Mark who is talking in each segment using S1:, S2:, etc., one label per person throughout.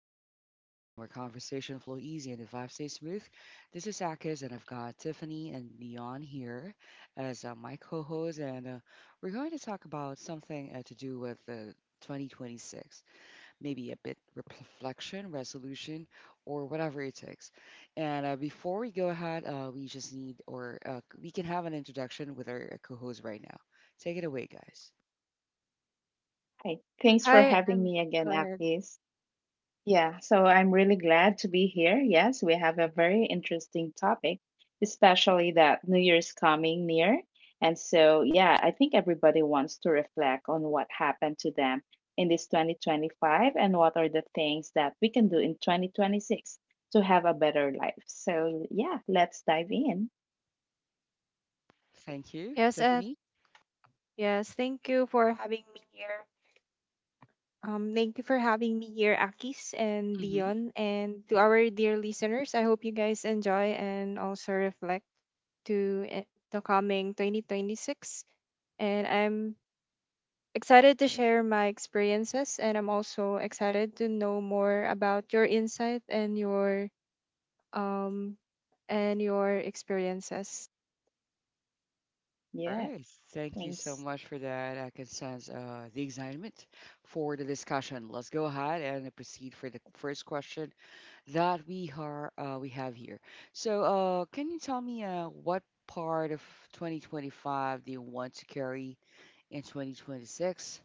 S1: step into a chill zone where conversation flow easy and the vibe stay smooth. This is Akis, and I've got Tiffany and Neon here as my co-hosts, and we're going to talk about something to do with 2026, maybe a bit reflection, resolution, or whatever it takes. And before we go ahead, we just need, or we can have an introduction with our co-host right now. Take it away, guys.
S2: Hi. Thanks for
S3: Hi,
S2: having me again,
S3: go ahead.
S2: Akis. Yeah, so I'm really glad to be here. Yes, we have a very interesting topic, especially that New Year's coming near. And so, yeah, I think everybody wants to reflect on what happened to them in this 2025 and what are the things that we can do in 2026 to have a better life. So, yeah, let's dive in.
S1: Thank you,
S3: Yes,
S1: Tiffany.
S3: yes, thank you for having me here. Thank you for having me here, Akis and Dion, and to our dear listeners. I hope you guys enjoy and also reflect to the coming 2026. And I'm excited to share my experiences, and I'm also excited to know more about your insight and um your experiences.
S1: All
S2: Yeah,
S1: right. Thank you so
S2: thanks.
S1: much for that. I can sense the excitement for the discussion. Let's go ahead and proceed for the first question that we have here. So, can you tell me what part of 2025 do you want to carry in 2026?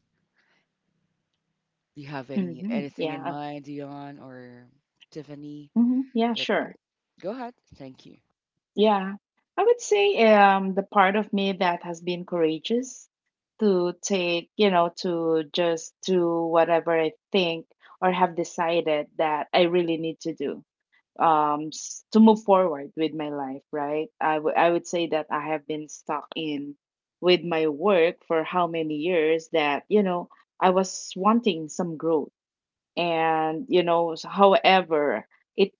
S1: Do you have
S2: Hmm.
S1: anything in
S2: Yeah.
S1: mind, Dion or Tiffany?
S2: Hmm. Yeah,
S1: That
S2: sure.
S1: Go ahead. Thank you.
S2: Yeah, I would say the part of me that has been courageous to take, you know, to just do whatever I think or have decided that I really need to do to move forward with my life, right? I would say that I have been stuck in with my work for how many years that, you know, I was wanting some growth. And, you know, however, it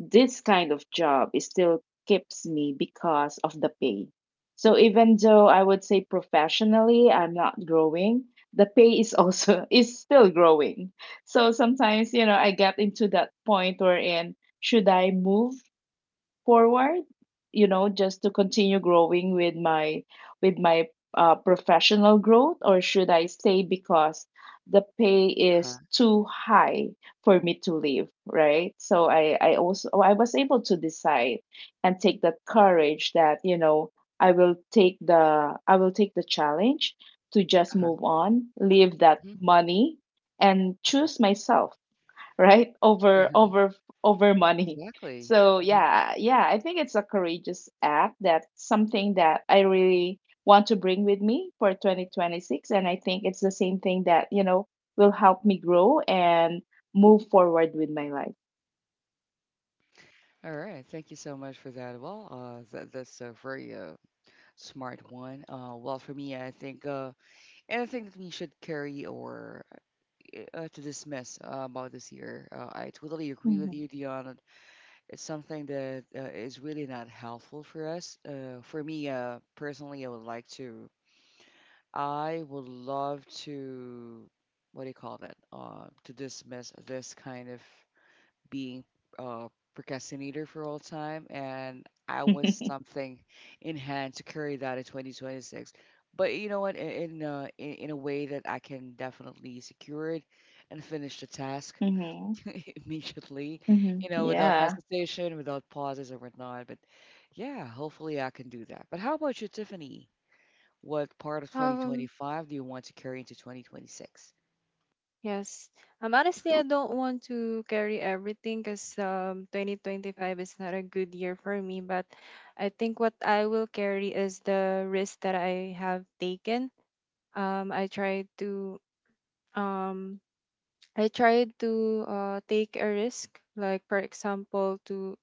S2: this kind of job is still keeps me because of the pay. So even though I would say professionally I'm not growing, the pay is also is still growing. So sometimes, you know, I get into that point wherein should I move forward, you know, just to continue growing with my with my professional growth, or should I stay because the pay
S1: Uh-huh.
S2: is too high for me to leave, right? So I also, I was able to decide and take that courage that, you know, I will take the challenge to just
S1: Uh-huh.
S2: move on, leave that
S1: Mhm,
S2: money, and choose myself, right?
S1: mhm.
S2: Over money.
S1: Exactly.
S2: So
S1: Mm-hmm.
S2: yeah, yeah, I think it's a courageous act. That's something that I really want to bring with me for 2026. And I think it's the same thing that, you know, will help me grow and move forward with my life.
S1: All right, thank you so much for that. Well, that's a very smart one. Well, for me, I think anything that we should carry or to dismiss about this year, I totally agree with you,
S2: Hmm.
S1: Dion. It's something that is really not helpful for us. For me, personally, I would like to, I would love to, what do you call that? To dismiss this kind of being a procrastinator for all time, and I want something in hand to carry that in 2026. But you know what? In in a way that I can definitely secure it and finish the task
S2: Hmm.
S1: immediately,
S2: Hmm.
S1: you know, without
S2: Yeah,
S1: hesitation, without pauses or whatnot. But yeah, hopefully I can do that. But how about you, Tiffany? What part of
S3: Um,
S1: 2025 do you want to carry into 2026?
S3: Yes. Honestly, I don't want to carry everything because 2025 is not a good year for me. But I think what I will carry is the risk that I have taken. I tried to um, take a risk. Like, for example, to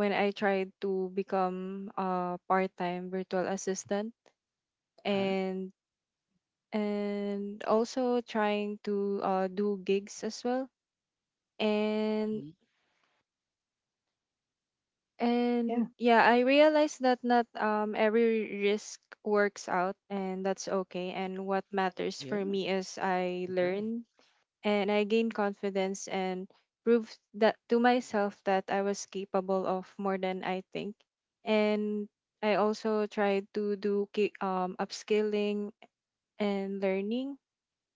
S3: when I tried to become a part-time virtual assistant,
S1: Huh?
S3: and also trying to do gigs as well. and
S1: hmm
S3: And
S2: yeah.
S3: yeah, I realized that not every risk works out, and that's okay. And what matters
S1: Yeah,
S3: for
S1: I
S3: me is I
S1: agree.
S3: learn and I gain confidence and prove that to myself that I was capable of more than I think. And I also tried to do upskilling and learning,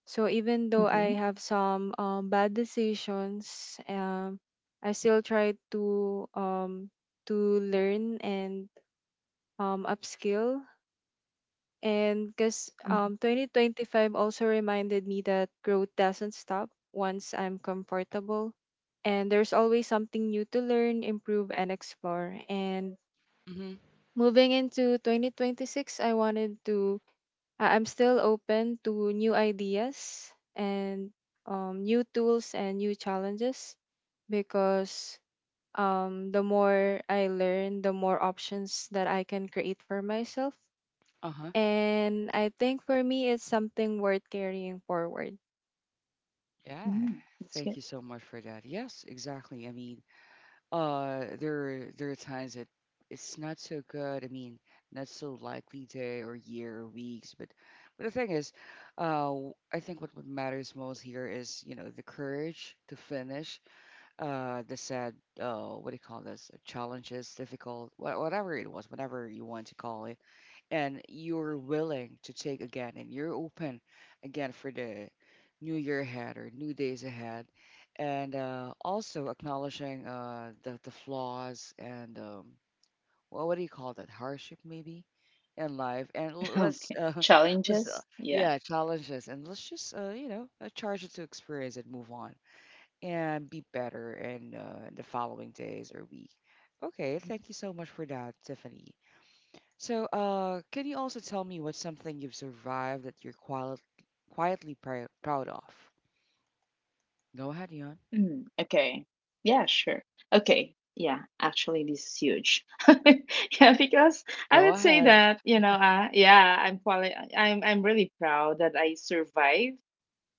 S3: so even though I
S2: Hmm.
S3: have some bad decisions, I still try to to learn and upskill. And because 2025 also reminded me that growth doesn't stop once I'm comfortable. And there's always something new to learn, improve, and explore. And
S1: Mm-hmm.
S3: moving into 2026, I wanted I'm still open to new ideas and new tools and new challenges, because the more I learn, the more options that I can create for myself.
S1: Uh-huh.
S3: And I think for me, it's something worth carrying forward.
S1: Yeah,
S2: Hmm.
S1: thank
S2: That's
S1: you
S2: good.
S1: so much for that. Yes, exactly. I mean, there there are times that it's not so good. I mean, not so likely day or year or weeks. But the thing is, I think what matters most here is you know the courage to finish. The sad what do you call this? Challenges, difficult, whatever it was, whatever you want to call it and you're willing to take again and you're open again for the new year ahead or new days ahead and also acknowledging the flaws and well, what do you call that hardship maybe in life and let's
S2: Okay.
S1: let's
S2: Challenges?
S1: yeah
S2: Yeah.
S1: challenges and let's just you know charge it to experience and move on and be better in the following days or week. Okay, thank you so much for that, Tiffany. So, can you also tell me what's something you've survived that quietly proud of? Go ahead, Yon.
S2: Mm, okay. Yeah, sure. Okay. Yeah, actually, this is huge. Yeah, because I
S1: Go
S2: would say
S1: ahead.
S2: that, you know, yeah, I'm really proud that I survived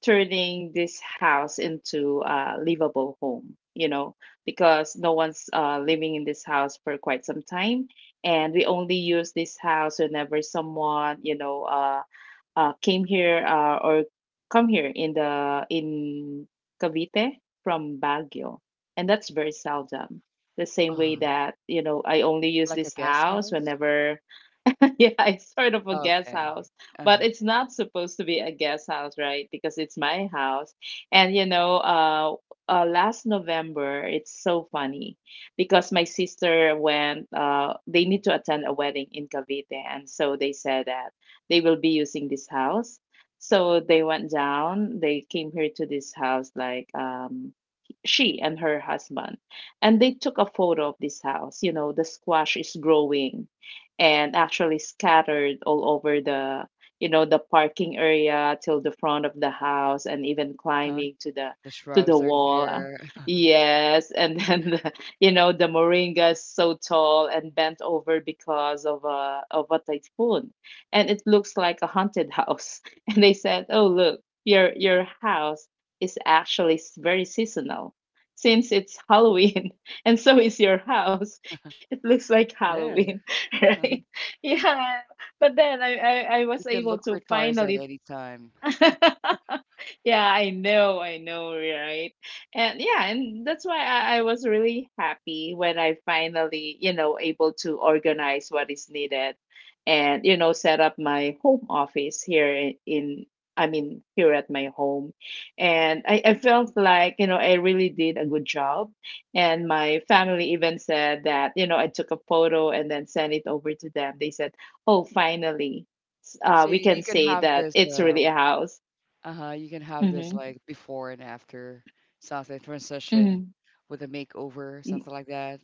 S2: turning this house into a livable home, you know, because no one's living in this house for quite some time, and we only use this house whenever someone, you know, came here, or come here in Cavite from Baguio, and that's very seldom. The same way
S1: Uh-huh.
S2: that, you know, I only use
S1: Like a
S2: this
S1: guest
S2: house
S1: house?
S2: whenever... Yeah, it's sort of a guest
S1: Okay.
S2: house, but
S1: Uh-huh.
S2: it's not supposed to be a guest house, right? Because it's my house. And you know, last November, it's so funny because my sister went. They need to attend a wedding in Cavite, and so they said that they will be using this house. So they went down. They came here to this house, like, she and her husband, and they took a photo of this house. You know, the squash is growing and actually scattered all over the, you know, the parking area till the front of the house, and even
S1: Huh? Huh?
S2: climbing to the
S1: The shrubs are
S2: wall.
S1: there.
S2: Yes. And then the, you know, the moringa is so tall and bent over because of a typhoon, and it looks like a haunted house. And they said, oh, look, your house is actually very seasonal, since it's Halloween. And so is your house. It looks like Halloween.
S1: Yeah.
S2: Right? Yeah, but then I was
S1: You can
S2: able
S1: look
S2: to
S1: for Tarzan
S2: finally...
S1: anytime.
S2: Yeah, I know, right? And yeah, and that's why I was really happy when I finally, you know, able to organize what is needed and, you know, set up my home office here in I mean, here at my home. And I felt like, you know, I really did a good job. And my family even said that, you know, I took a photo and then sent it over to them. They said, oh, finally,
S1: So
S2: we
S1: you
S2: can
S1: can
S2: say
S1: have
S2: that
S1: this
S2: it's really a house.
S1: uh-huh, you can have this
S2: Mm-hmm.
S1: like before and after something transition
S2: Mm-hmm.
S1: with a makeover,
S2: Y-
S1: something like that.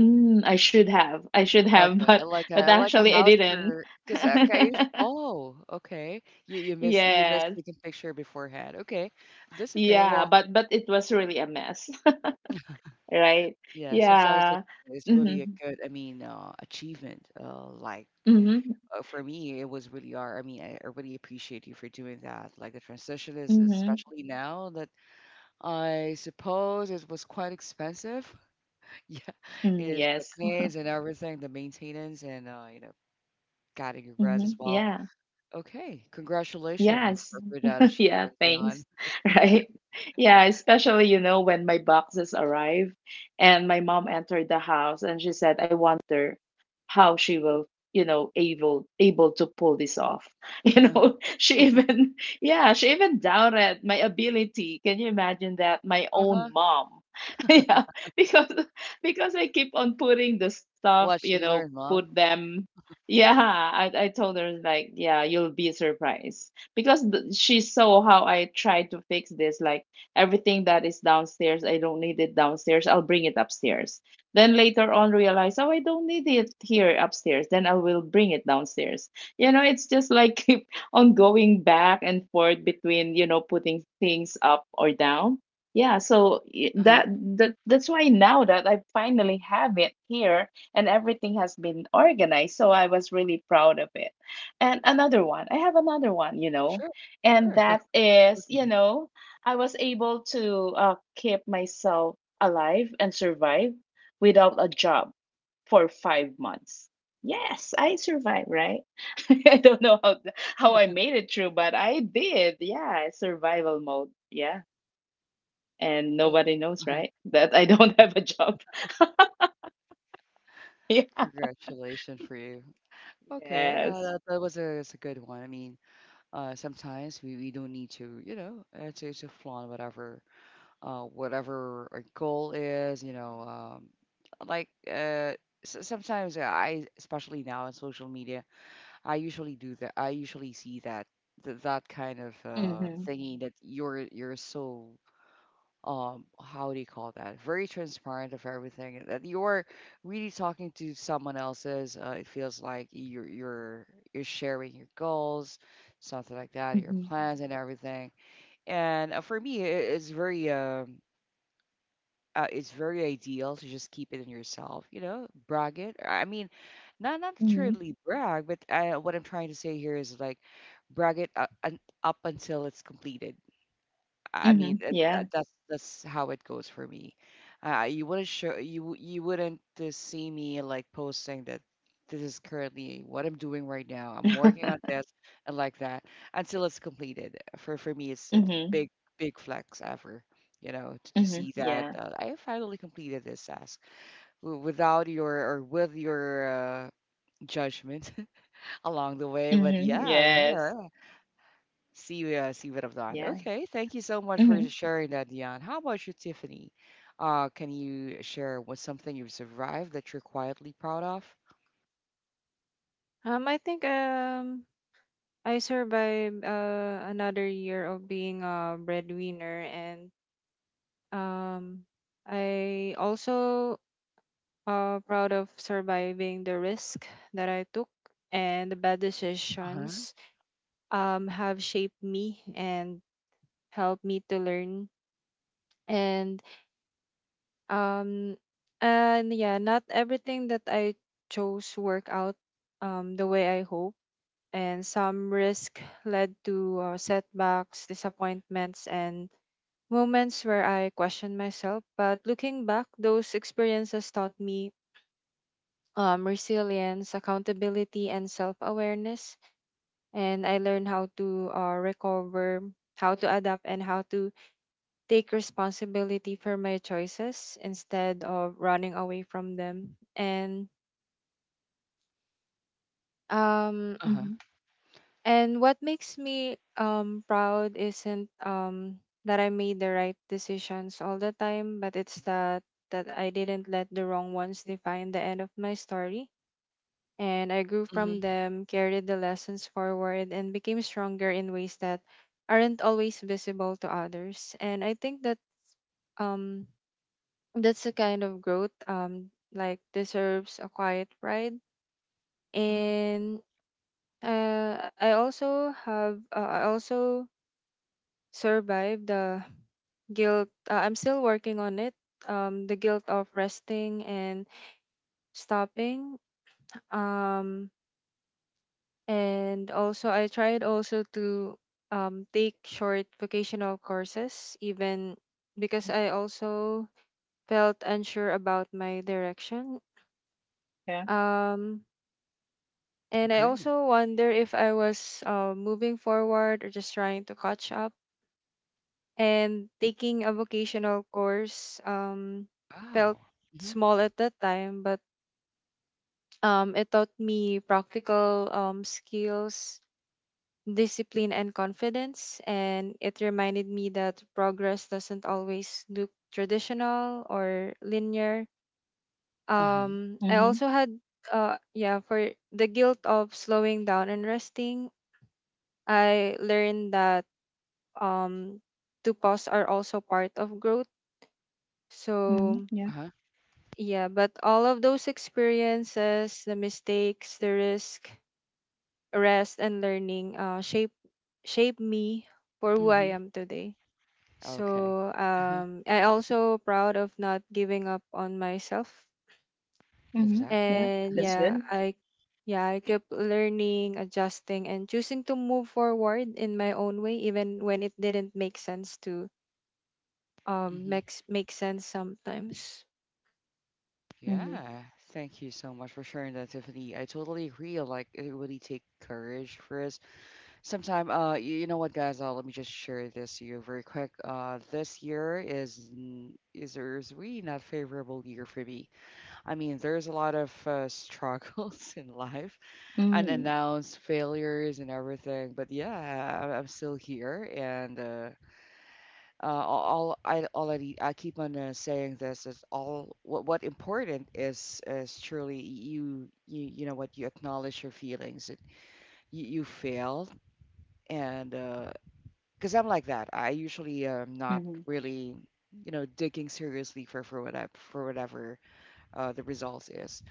S2: Mm, I should have,
S1: Okay,
S2: but
S1: like a
S2: actually I
S1: house
S2: didn't.
S1: for because okay, okay, you miss
S2: Yes.
S1: taking picture beforehand. Okay, that's okay.
S2: Yeah,
S1: Well,
S2: but it was really a mess, right?
S1: yeah,
S2: Yeah.
S1: it's really a
S2: Mm-hmm.
S1: good, I mean, achievement. Like
S2: Mm-hmm.
S1: for me, it was really hard. I mean, I really appreciate you for doing that. Like the transition is
S2: Mm-hmm.
S1: especially now that I suppose it was quite expensive. Yeah,
S2: Mm,
S1: is the
S2: yes.
S1: planes and everything, the maintenance and you know, cutting your grass
S2: Mm-hmm.
S1: as well.
S2: Yeah.
S1: Okay, congratulations
S2: Yes.
S1: for that
S2: Yeah,
S1: achievement, Dion.
S2: thanks. Right? Yeah, especially, you know, when my boxes arrived and my mom entered the house and she said, I wonder how she will, you know, able to pull this off. You
S1: Uh-huh,
S2: know, she even... Yeah, she even doubted my ability. Can you imagine that? My own
S1: uh-huh.
S2: mom. Yeah, because I keep on putting the stuff, you
S1: Watch and
S2: know,
S1: learn, Mom.
S2: put them. Yeah, I told her like, yeah, you'll be surprised because she saw how I tried to fix this. Like everything that is downstairs, I don't need it downstairs. I'll bring it upstairs. Then later on, realize, oh, I don't need it here upstairs. Then I will bring it downstairs. You know, it's just like keep on going back and forth between, you know, putting things up or down. Yeah, so
S1: Uh-huh.
S2: that's why now that I finally have it here, and everything has been organized, so I was really proud of it. And another one. I have another one, you know.
S1: Sure,
S2: And
S1: sure.
S2: that is, you
S1: Okay.
S2: know, I was able to keep myself alive and survive without a job for 5 months. Yes, I survived, right? I don't know how I made it through, but I did. Yeah, survival mode. Yeah. And
S1: Uh,
S2: nobody knows,
S1: huh.
S2: right? That I don't have a job. Yeah.
S1: Congratulations for you. Okay,
S2: Yes.
S1: that was a that's a good one. I mean, sometimes we don't need to, you know, to flaunt whatever whatever our goal is, you know, like Sometimes I, especially now on social media, I usually do that. I usually see that that kind of
S2: Mm-hmm.
S1: thingy that you're so how do you call that? Very transparent of everything that you're really talking to someone else's. It feels like you're you're sharing your goals, something like that,
S2: Mm-hmm.
S1: your plans and everything. And for me, it's very ideal to just keep it in yourself, you know, brag it. I mean, not
S2: Mm-hmm.
S1: truly brag, what I'm trying to say here is like brag it up until it's completed. I
S2: Hmm.
S1: mean,
S2: Yeah.
S1: that's how it goes for me. You wouldn't show you w- you wouldn't see me like posting that this is currently what I'm doing right now. I'm working on this and like that until it's completed. For me, it's the
S2: Mm-hmm.
S1: big big flex ever. You know, to
S2: Hmm.
S1: see that
S2: Yeah.
S1: I finally completed this task w- without your or with your judgment along the way. But
S2: Mhm,
S1: yeah, I'm
S2: yeah.
S1: here. See, see what I've done.
S2: Yeah.
S1: Okay, thank you so much for
S2: Mhm,
S1: sharing that, Dion. How about you, Tiffany? Can you share what's something you've survived that you're quietly proud of?
S3: I think I survived another year of being a breadwinner, and um, I also proud of surviving the risk that I took, and the bad
S1: Uh-huh.
S3: decisions have shaped me and helped me to learn. And um, and yeah, not everything that I chose work out the way I hope. And some risk led to setbacks, disappointments, and moments where I questioned myself. But looking back, those experiences taught me resilience, accountability, and self awareness. And I learned how to recover, how to adapt, and how to take responsibility for my choices instead of running away from them. Um,
S1: Uh-huh.
S2: mhm,
S3: and what makes me proud isn't that I made the right decisions all the time, but it's that I didn't let the wrong ones define the end of my story, and I grew from
S1: Mm-hmm.
S3: them, carried the lessons forward, and became stronger in ways that aren't always visible to others. And I think that um that's the kind of growth like deserves a quiet pride.
S1: Mm-hmm.
S3: And I also survived the guilt. I'm still working on it. The guilt of resting and stopping. Um, And also, I tried also to take short vocational courses, even because I also felt unsure about my direction.
S2: yeah.
S3: Um, and I
S1: Agree.
S3: also wonder if I was moving forward or just trying to catch up. And taking a vocational course felt
S1: Wow. Mm-hmm.
S3: small at that time, but it taught me practical, skills, discipline, and confidence. And it reminded me that progress doesn't always look traditional or linear.
S1: Uh-huh.
S3: Um, I
S2: Mhm,
S3: also had, yeah, for the guilt of slowing down and resting, I learned that um, to pause are also part of growth.
S2: mhm,
S3: So,
S2: yeah,
S1: Uh-huh.
S3: yeah, but all of those experiences, the mistakes, the risk, rest, and learning shape me for who I
S1: Mm-hmm.
S3: am today.
S1: Okay.
S3: So
S1: Uh-huh.
S3: I also proud of not giving up on myself.
S2: mhm, yeah.
S1: Exactly.
S3: And
S1: Uh-huh.
S2: That's
S3: yeah,
S2: good.
S3: I kept learning, adjusting, and choosing to move forward in my own way, even when it didn't make sense to
S1: Mm-hmm.
S3: make sense sometimes.
S2: Mhm,
S1: Yeah. Thank you so much for sharing that, Tiffany. I totally agree. Like, it really take courage for us. Sometime, you know what, guys? Let me just share this to you very quick. This year is n- is really not favorable year for me. I mean, there's a lot of struggles in life,
S2: mm,
S1: unannounced failures and everything. But yeah, I, I'm still here, and all I already I keep on saying this is all what important is truly you know what you acknowledge your feelings. It, you failed and because I'm like that. I usually am not
S2: mhm,
S1: really, you know, digging seriously for whatever for whatever the results is.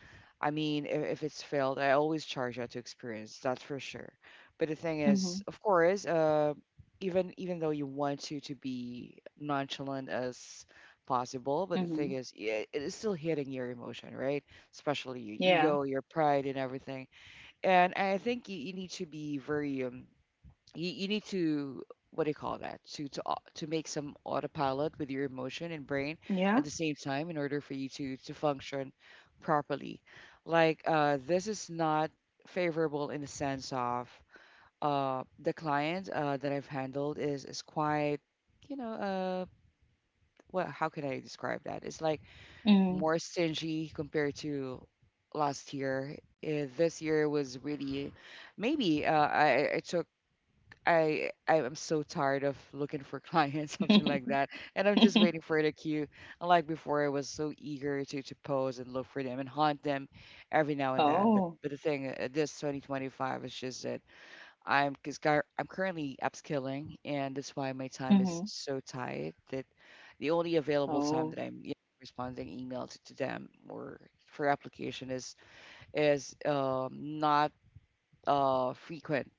S1: I mean, if it's failed, I always charge out to experience. That's for sure. But the thing is,
S2: mhm,
S1: of course, even even though you want to be nonchalant as possible, but the
S2: mhm.
S1: thing is, yeah, it is still hitting your emotion, right? Especially your
S2: Yeah,
S1: ego, your pride, and everything. And I think you need to be very you, you need to what do you call that to to make some autopilot with your emotion and brain
S2: yeah,
S1: at the same time in order for you to function properly like this is not favorable in the sense of the client that I've handled is quite you know what how can I describe that it's like
S2: mhm.
S1: more stingy compared to last year. This year was really maybe I took I am so tired of looking for clients, something like that. And I'm just waiting for the queue. Unlike before, I was so eager to pose and look for them and hunt them every now and then.
S2: Oh.
S1: But the thing, this 2025 is just that I'm because I'm currently upskilling, and that's why my time is
S2: Mhm.
S1: so tight that the only available time
S2: Oh.
S1: that I'm you know, responding email to them or for application is is um, not frequent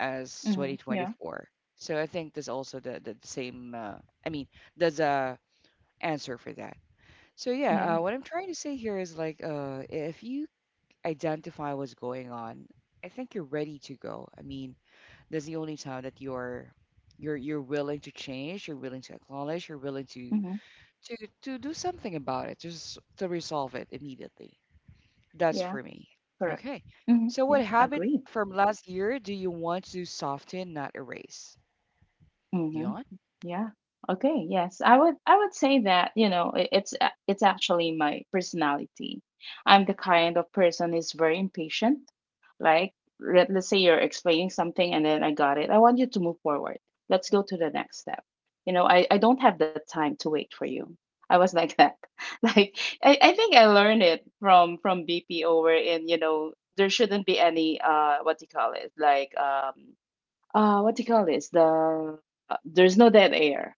S1: as
S2: Mhm, yeah,
S1: 2024. So I think there's also the same, I mean, there's a answer for that. So
S2: yeah,
S1: yeah, what I'm trying to say here is like, if you identify what's going on, I think you're ready to go. I mean, that's the only time that you're willing to change, you're willing to acknowledge, you're willing to
S2: mhm,
S1: to do something about it, just to resolve it immediately. That's
S2: yeah,
S1: for me.
S2: correct.
S1: Okay.
S2: Mhm,
S1: So
S2: yeah.
S1: what habit
S2: Agree.
S1: from last year do you want to soften, not erase?
S2: Mhm.
S1: Neon?
S2: Yeah. Okay. Yes. I would say that, you know, it's actually my personality. I'm the kind of person is very impatient. Like, let's say you're explaining something and then I got it. I want you to move forward. Let's go to the next step. You know, I don't have the time to wait for you. I was like that. Like I think I learned it from BPO where in, you know, there shouldn't be any what do you call it? Like what do you call this, there's no dead air.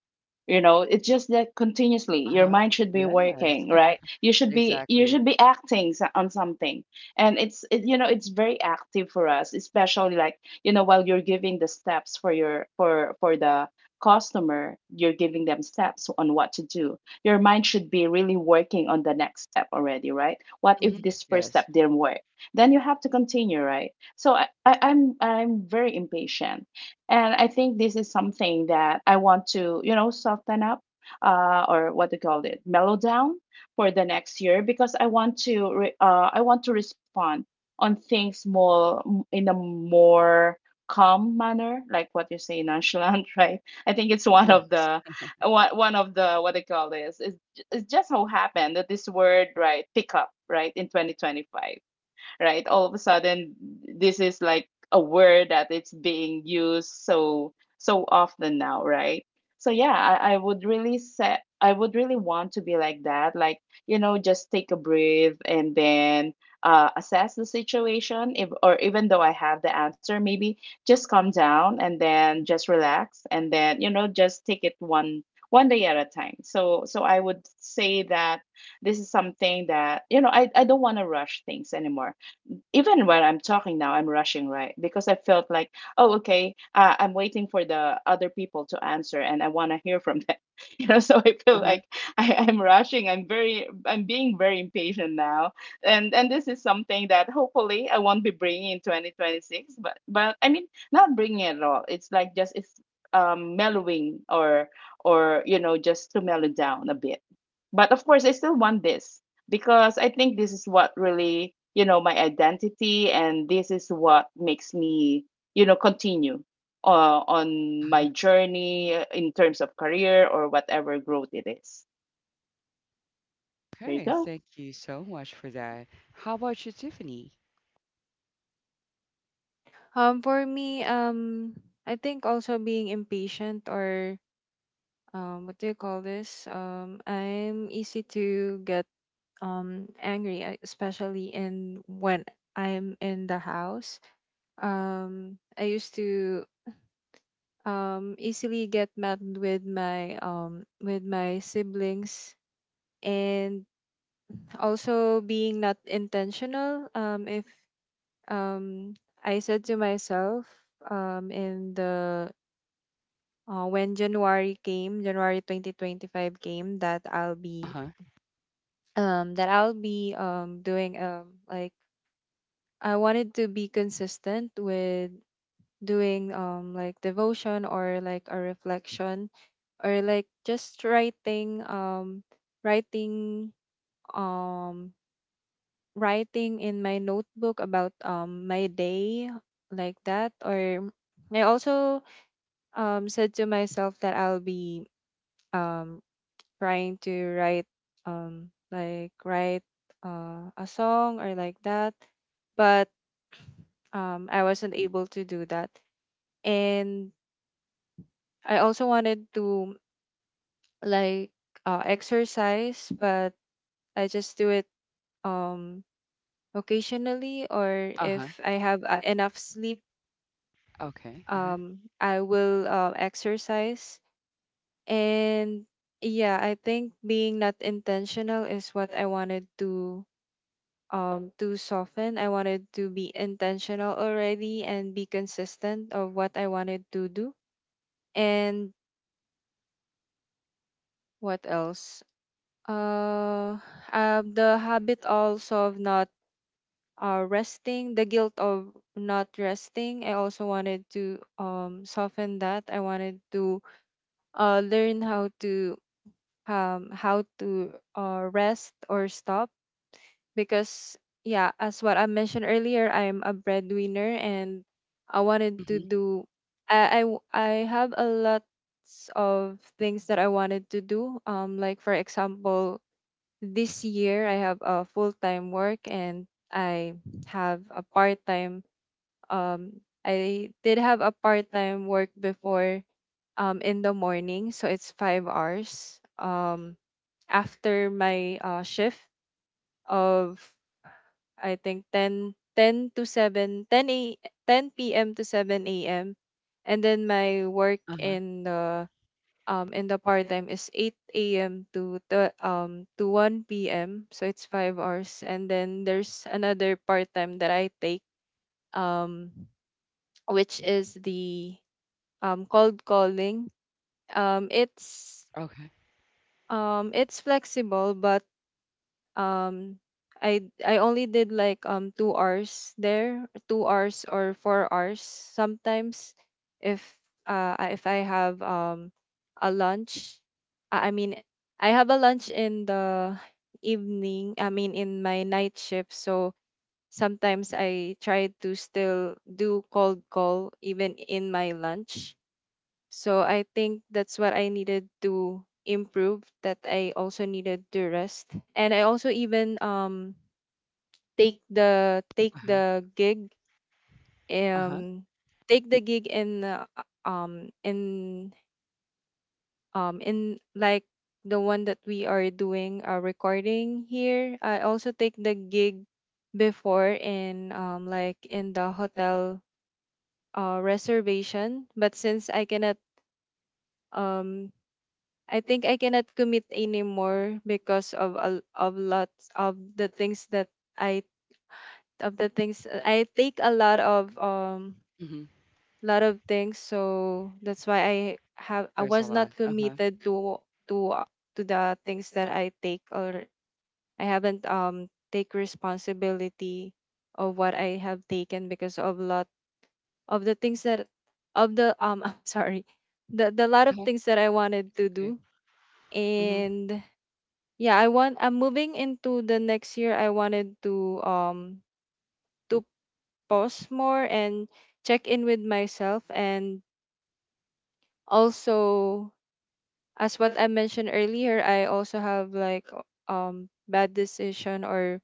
S2: You know, it's just that continuously your
S1: Uh-huh.
S2: mind should be
S1: Yes,
S2: working, right? you should be you
S1: exactly.
S2: should be on something. And it's, you know, it's very active for us, especially, like, you know, while you're giving the steps for your for the customer. You're giving them steps on what to do. Your mind should be really working on the next step already, right? What if
S1: hmm
S2: this first step
S1: Yes.
S2: didn't work, then you have to continue, right? So I'm very impatient, and I think this is something that I want to, you know, soften up, or what they call it, mellow down for the next year because I want to respond on things more in a more calm manner, like what you say, nonchalant, right? I think it's
S1: Yes.
S2: one one of the what they call this, is it's just how happened that this word, right, pick up right in 2025, right? All of a sudden, this is like a word that it's being used so often now, right? So yeah, I would really want to be like that. Like, you know, just take a breath and then assess the situation. If or even though I have the answer, maybe just calm down and then just relax and then, you know, just take it one day at a time. So I would say that this is something that, you know, I don't want to rush things anymore. Even when I'm talking now, I'm rushing, right? Because I felt like, oh, okay, I'm waiting for the other people to answer, and I want to hear from them. You know, so I feel
S1: Uh-huh.
S2: like I'm rushing. I'm being very impatient now, and this is something that hopefully I won't be bringing in 2026. But I mean, not bringing it at all. It's like just it's mellowing or, you know, just to mellow down a bit. But of course, I still want this because I think this is what really, you know, my identity, and this is what makes me, you know, continue on
S1: Uh-huh.
S2: my journey in terms of career or whatever growth it is. There you
S1: Okay,
S2: go.
S1: thank you so much for that. How about you, Tiffany?
S3: For me, I think also being impatient or, what do you call this? I'm easy to get angry, especially in when I'm in the house. I used to easily get mad with my siblings, and also being not intentional. If um I said to myself, in the when January 2025 came, that I'll be
S1: Uh-huh.
S3: um that I'll be um doing, like, I wanted to be consistent with doing, like, devotion, or like a reflection, or like just writing um writing in my notebook about my day, like that. Or I also said to myself that I'll be um trying to write write a song, or like that. But I wasn't able to do that. And I also wanted to, like, exercise, but I just do it um occasionally, or if
S1: Uh-huh.
S3: I have enough sleep,
S1: Okay. Uh-huh.
S3: I will exercise. And yeah, I think being not intentional is what I wanted to soften. I wanted to be intentional already and be consistent of what I wanted to do. And what else? uh, the habit also of not resting, the guilt of not resting. I also wanted to soften that. I wanted to learn how to rest or stop, because, yeah, as what I mentioned earlier, I'm a breadwinner, and I wanted to
S1: hmm
S3: do. I have a lot of things that I wanted to do. Like, for example, this year I have a full time work, and have a part time um I did have a part-time work before in the morning, so it's 5 hours after my shift of, I think, 10 10 to 7 10 a 10 p.m. to 7 a.m. And then my work
S1: Uh-huh.
S3: in the part-time is 8 a.m. to 1 p.m., so it's 5 hours. And then there's another part-time that I take, um which is the, cold calling. Um, it's
S1: Okay.
S3: it's flexible, but um, I only did like, 2 hours there, 2 hours or 4 hours sometimes, if if I have a lunch. I mean I have a lunch in the evening. I mean in my night shift, so sometimes I try to still do cold call even in my lunch, so I think that's what I needed to improve, that I also needed to rest. And I also even take the take
S1: Uh-huh.
S3: the gig
S1: Uh-huh.
S3: um take the gig um in in like, the one that we are doing a recording here. I also take the gig before in, like, in the hotel reservation, but since um I cannot commit anymore because of, a of lots of the things that, I I take, a lot of um
S1: hmm
S3: lot of things, so that's why I
S1: There's a
S3: was
S1: lot.
S3: not
S1: Uh-huh.
S3: committed to the things that I take, or I haven't, take responsibility of what I have taken because of lot of the things that, of the I'm sorry, the lot of
S1: Uh-huh.
S3: things that I wanted to
S1: Okay.
S3: do.
S1: hmm
S3: And yeah, I'm moving into the next year. I wanted to pause more and check in with myself. And also, as what I mentioned earlier, I also have, like, bad decision or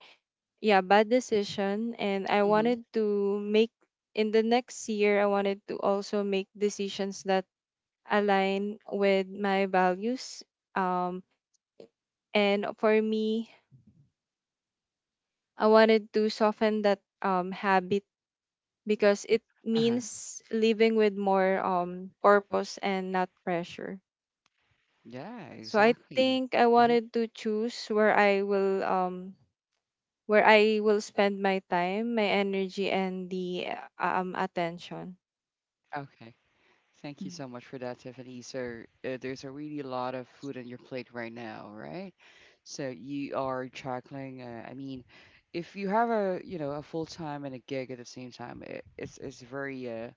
S3: yeah, bad decision, and I
S1: hmm
S3: wanted to make in the next year I wanted to also make decisions that align with my values, um and for me I wanted to soften that habit, because it
S1: Uh-huh.
S3: means living with more purpose and not pressure.
S1: Yeah,
S3: So I
S1: exactly.
S3: think I
S1: hmm
S3: wanted to choose where I will spend my time, my energy, and the, attention.
S1: Okay. Thank you so much for that, Tiffany. So, there's a really lot of food on your plate right now, right? So you are juggling. I mean, if you have a you know a full time and a gig at the same time, it's very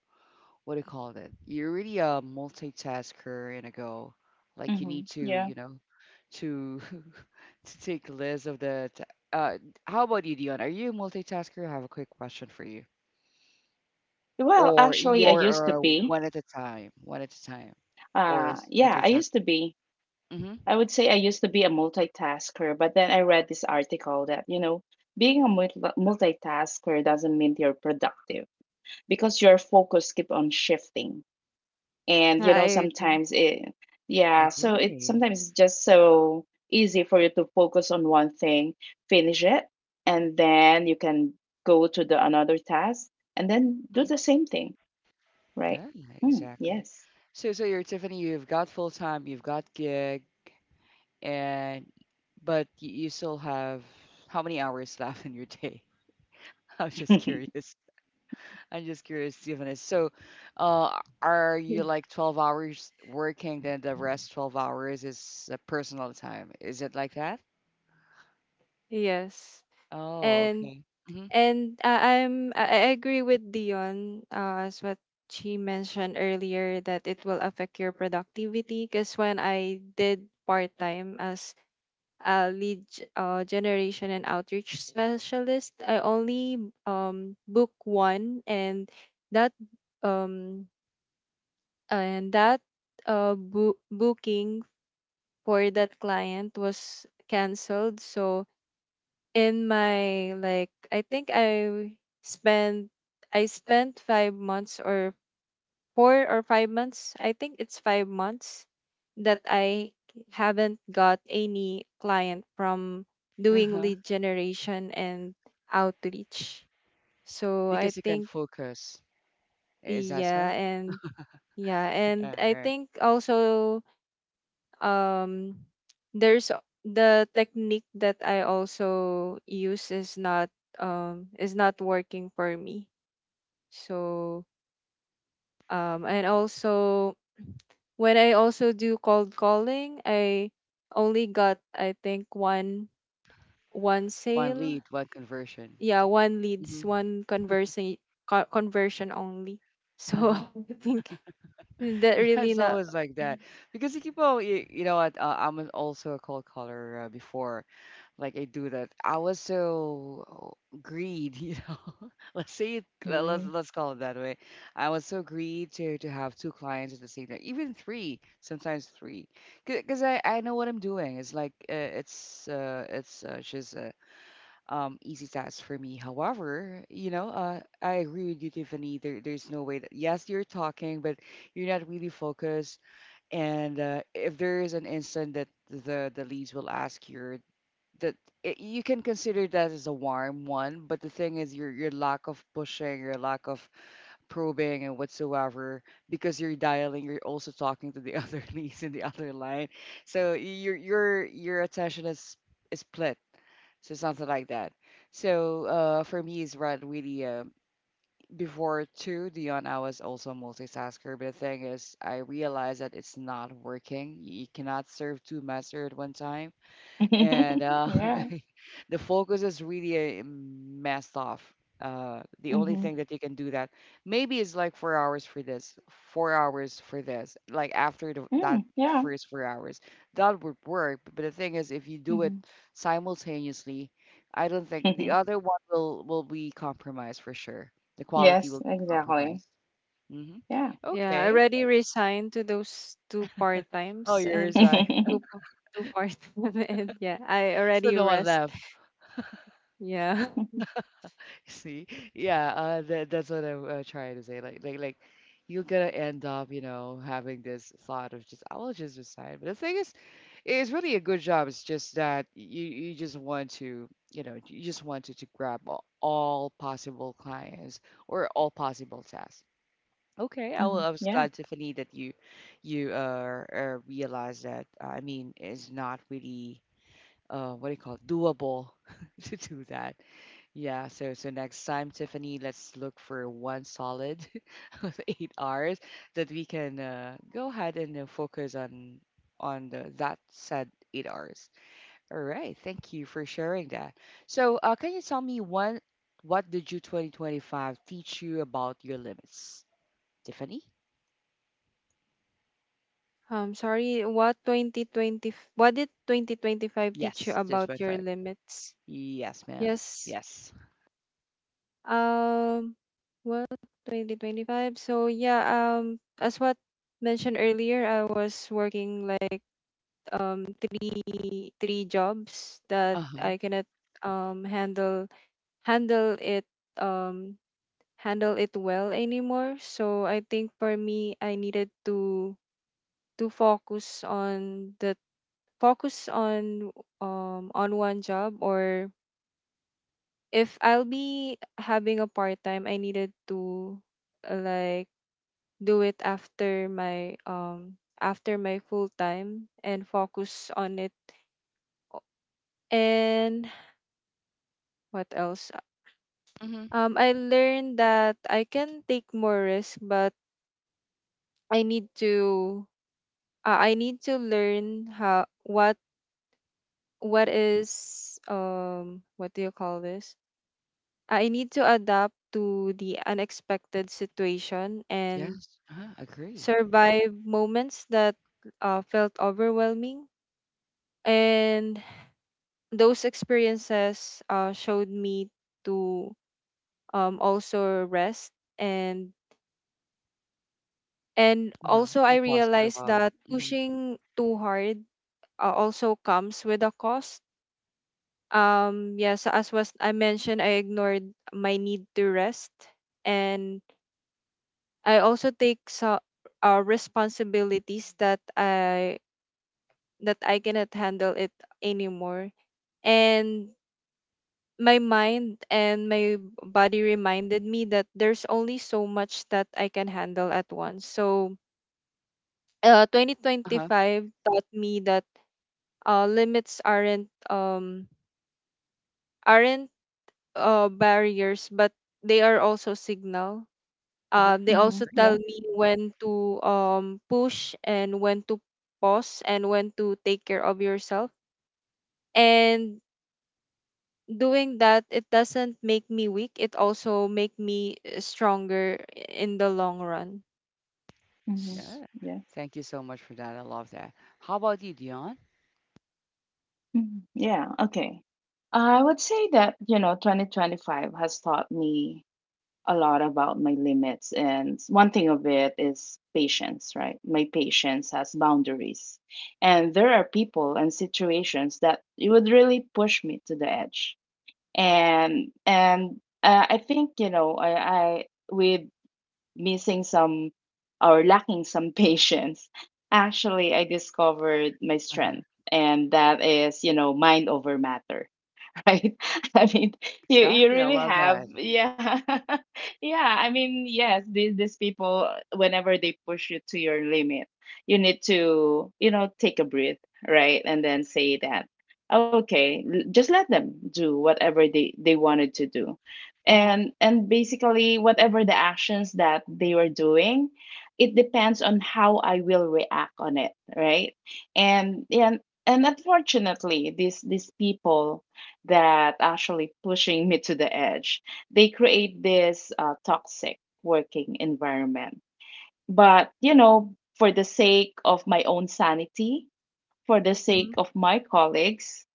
S1: what do you call it? You're really a multitasker in a go. Like you
S2: Mm-hmm.
S1: need to
S2: Yeah.
S1: you know to to take list of the. Ta- Uh, how about you, Dion? Are you a multitasker? I have a quick question for you.
S2: Well,
S1: Or
S2: actually, I used
S1: you're
S2: to be.
S1: one at a time, one at a time, or
S2: Yeah, I used
S1: multitasker.
S2: to be.
S1: Mm-hmm.
S2: I would say I used to be a multitasker, but then I read this article that, you know, being a multitasker doesn't mean you're productive because your focus keep on shifting and you
S3: I
S2: know
S3: agree.
S2: sometimes it
S1: Agree.
S2: sometimes it's just so easy for you to focus on one thing, finish it, and then you can go to the another task and then do
S1: Mhm.
S2: the same thing, right.
S1: Yeah,
S2: Mm,
S1: exactly.
S2: yes.
S1: So you're Tiffany. You've got full time. You've got gig, and but you still have how many hours left in your day? I'm just curious. I'm just curious, Tiffany. So, are you like 12 hours working, then the rest 12 hours is personal time? Is it like that?
S3: Yes.
S1: Oh,
S3: And
S1: okay.
S3: and I agree with Dion, as what she mentioned earlier, that it will affect your productivity, because when I did part time as a lead generation and outreach specialist, I only book one, and that um that booking for that client was canceled. So in my, like, I think spent I spent 5 months, or 4 or 5 months. I think it's 5 months that I haven't got any client from doing
S1: Mm-hmm.
S3: lead generation and outreach. So I
S1: Because you can
S3: think,
S1: focus. Is that
S3: yeah
S1: so?
S3: and yeah, and I
S1: Right.
S3: think also, um there's a- the technique that I also use is not, working for me. So, and also, when I also do cold calling, I only got, I think, one
S1: One
S3: sale.
S1: lead, one conversion.
S3: Yeah, one
S1: Hmm.
S3: leads, one conversion only. So
S1: Uh-huh.
S3: I think that
S1: Yeah,
S3: really
S1: it's
S3: not.
S1: always like that because you keep on. You know what? I'm also a cold caller before. Like I do that. I was so oh, greed. You know, Let's
S2: Mm.
S1: call it that way. I was so greed to have two clients at the same time, even three, sometimes three, because I know what I'm doing. It's like it's just. Easy task for me. However, you know, I agree with you, Tiffany. There's no way that, yes, you're talking, but you're not really focused. And if there is an instant that the leads will ask you, that you can consider that as a warm one, but the thing is your lack of pushing, your lack of probing and whatsoever, because you're dialing, you're also talking to the other leads in the other line, so your attention is split, so something like that. So for me, it's right really before two Dion, I was also a multitasker. But the thing is, I realized that it's not working. You cannot serve two masters at one time and
S2: Yeah.
S1: the focus is really messed off. The only
S2: Hmm.
S1: thing that you can do that maybe is like 4 hours for this, 4 hours for this. Like after
S2: Yeah,
S1: that
S2: yeah.
S1: first 4 hours, that would work. But the thing is, if you do it
S2: Mhm.
S1: simultaneously, I don't think the other one will be compromised for sure. The quality will
S2: Yes,
S1: be
S2: exactly.
S1: compromised. Hmm.
S2: Yeah.
S3: Yeah, I
S1: Okay.
S3: already resigned to those two-part
S1: Oh,
S3: times
S1: you're
S3: and
S1: right.
S3: two pa- two part and yeah, I
S1: So
S3: already
S1: no one
S3: rest.
S1: left.
S3: Yeah.
S1: See, yeah, that that's what I'm trying to say. You're gonna end up, you know, having this thought of just, I will just resign. But the thing is, it's really a good job. It's just that you just want to, you know, you just wanted to grab all possible clients or all possible tasks. Okay,
S2: Mhm,
S1: I was
S2: yeah.
S1: glad, Tiffany, that you realized that. I mean, it's not really what do you call it, doable to do that. Yeah, so so next time, Tiffany, let's look for one solid of 8 hours that we can go ahead and focus on that said 8 hours. All right, thank you for sharing that. So, can you tell me one what did you 2025 teach you about your limits, Tiffany?
S3: Sorry, what did 2025 teach you
S1: Yes, the
S3: about your
S1: 25.
S3: limits?
S1: Yes, ma'am.
S3: Yes.
S1: Yes.
S3: Um, well, 2025. So yeah, as what mentioned earlier, I was working like three three jobs that
S1: Uh-huh.
S3: I cannot um handle handle it um handle it well anymore. So I think for me, I needed to to focus on the focus on one job, or if I'll be having a part time, I needed to uh, like do it after my full time and focus on it. And what else?
S1: Mm-hmm.
S3: I learned that I can take more risk, but I need to learn how what is what do you call this? I need to adapt to the unexpected situation and
S1: Yes. Uh-huh. Agree.
S3: survive moments that felt overwhelming, and those experiences showed me to also rest. And and
S1: Uh-huh.
S3: also I
S1: And pause for a
S3: realized
S1: while.
S3: that
S1: Mm-hmm.
S3: pushing too hard also comes with a cost. Yes, as was I mentioned, I ignored my need to rest, and I also take so, responsibilities that I cannot handle it anymore, and my mind and my body reminded me that there's only so much that I can handle at once. So,
S1: Uh-huh.
S3: 2025 taught me that limits aren't barriers, but they are also signal.
S1: Uh-huh.
S3: They
S2: Hmm,
S3: also tell
S2: yeah.
S3: me when to push and when to pause and when to take care of yourself. And doing that, it doesn't make me weak, it also make me stronger in the long run.
S2: Hmm.
S3: S-
S1: Yeah. Thank you so much for that. I love that. How about you, Dion?
S2: Mhm. Yeah, okay. I would say that, you know, 2025 has taught me a lot about my limits. And one thing of it is patience, right? My patience has boundaries. And there are people and situations that it would really push me to the edge. And I think, you know, I with missing some or lacking some patience, actually I discovered my
S1: Uh-huh.
S2: strength, and that is, you know, mind over matter. Right? I mean, you
S1: Exactly. I
S2: really
S1: love
S2: have,
S1: that.
S2: yeah, yeah. I mean, yes, these people, whenever they push you to your limit, you need to, you know, take a breath, right, and then say that, okay, just let them do whatever they wanted to do,
S1: Mm-hmm.
S2: and basically whatever the actions that they were doing. It depends on how I will react on it, right? And unfortunately, these people that actually pushing me to the edge. They create this toxic working environment. But, you know, for the sake of my own sanity, for the sake
S1: Mm-hmm.
S2: of my colleagues,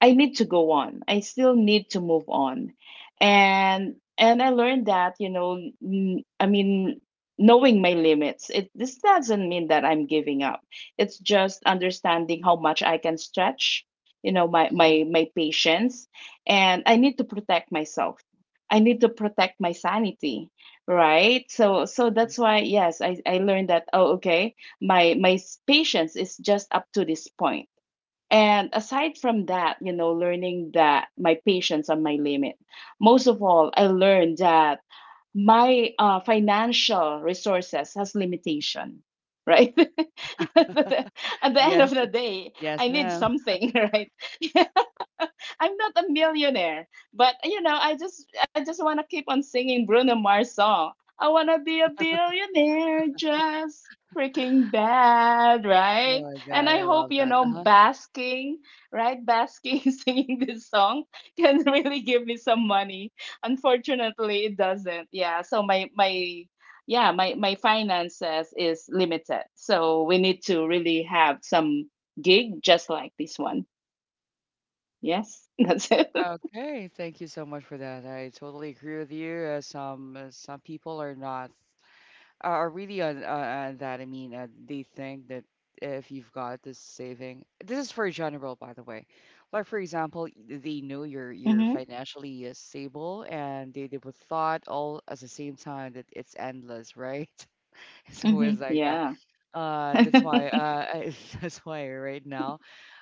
S2: I need to go on. I still need to move on. And I learned that, you know, n- I mean, knowing my limits, it this doesn't mean that I'm giving up. It's just understanding how much I can stretch, you know, my
S1: Mm-hmm.
S2: my my patience, and I need to protect myself. I need to protect my sanity, right? So so that's why yes, I learned that oh okay, my patience is just up to this point, and aside from that, you know, learning that my patience on my limit. Most of all, I learned that my financial resources has limitation, right? at, the, at the end of
S1: Yes.
S2: the day,
S1: Yes,
S2: I need
S1: ma'am.
S2: something, right? I'm not a millionaire, but you know, I just want to keep on singing Bruno Mars song. I want to be a billionaire just freaking bad,
S1: Oh
S2: right?
S1: my
S2: And
S1: God,
S2: I
S1: I
S2: hope
S1: love
S2: you
S1: that.
S2: know
S1: Uh-huh.
S2: basking, right? Basking singing this song can really give me some money. Unfortunately, it doesn't. Yeah, so my yeah, my finances is limited. So we need to really have some gig just like this one. Yes, that's it.
S1: Okay. Thank you so much for that. I totally agree with you. Some people are not are really on that. I mean, they think that if you've got this saving, this is for general, by the way. Like for example, they know you're
S2: Mhm,
S1: financially stable, and they would thought all at the same time that it's endless, right? It's always
S2: mhm,
S1: like that.
S2: yeah.
S1: Uh, that's why. Uh, I, that's why right now,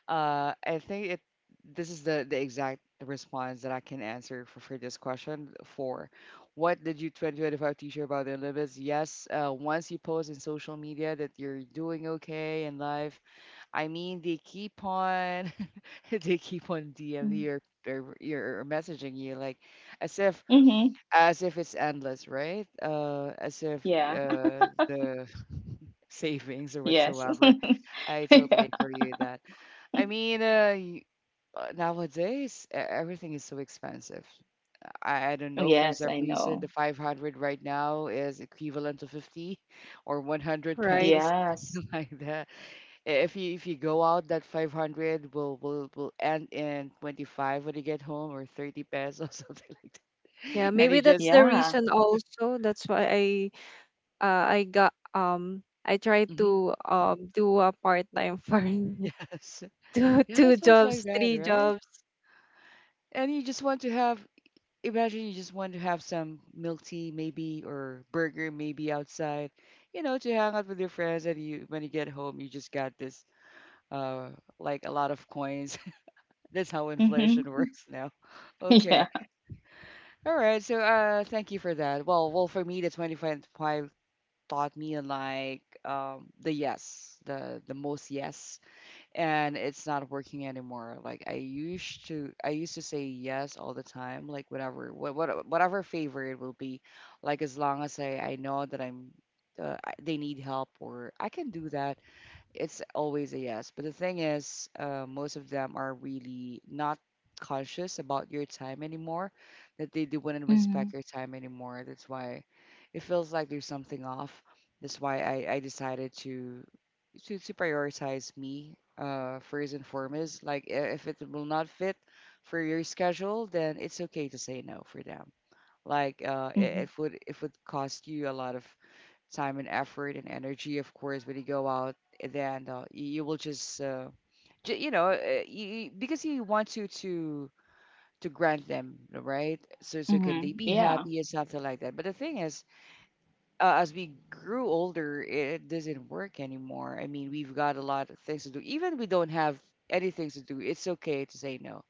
S1: I think it. This is the exact response that I can answer for this question. For what did you 2025 teach you about the limits? Yes. Once you post in social media that you're doing okay in life, I mean they keep on, they keep on DM
S2: Mm,
S1: you or messaging you like as if
S2: mhm,
S1: as if it's endless, right? As if
S2: yeah,
S1: the savings or
S2: yes.
S1: whatsoever. I
S2: Yeah.
S1: totally agree with that. I mean, nowadays everything is so expensive. I don't know for
S2: Yes,
S1: some
S2: I
S1: reason
S2: know.
S1: the 500 right now is equivalent to 50 or 100
S3: right.
S1: pesos
S2: Yes.
S1: like that. If you go out, that 500 will end in 25 when you get home or 30 pesos something like
S3: Yeah,
S1: that.
S2: Mm,
S1: And
S3: maybe
S1: you just
S3: that's the
S2: yeah.
S3: reason also that's why I got I tried
S1: mhm,
S3: to do a part-time for
S1: yes,
S3: two
S1: yeah, it
S3: two
S1: sounds like
S3: jobs,
S1: that,
S3: three
S1: right?
S3: jobs.
S1: And you just want to have imagine you just want to have some milk tea maybe or burger maybe outside, you know, to hang out with your friends, and you when you get home you just got this uh like a lot of coins that's how
S2: Mhm.
S1: inflation works now. Okay,
S2: Yeah.
S1: all right. So thank you for that. Well, well, for me the 25 taught me like the yes the most yes, and it's not working anymore. Like I used to say yes all the time, like whatever, whatever favor it will be, like as long as I know that I'm, they need help or I can do that. It's always a yes. But the thing is, most of them are really not conscious about your time anymore, that they do wouldn't respect
S2: Mhm,
S1: your time anymore. That's why it feels like there's something off. That's why I decided to, to prioritize me first and foremost. Like if it will not fit for your schedule, then it's okay to say no for them. Like
S2: mhm,
S1: it would cost you a lot of time and effort and energy, of course, when you go out. And then you will just, you know, because you want to to grant them, right? So so can they
S2: mhm,
S1: be
S2: yeah.
S1: happy and something like that. But the thing is, as we grew older, it doesn't work anymore. I mean, we've got a lot of things to do. Even we don't have anything to do, it's okay to say no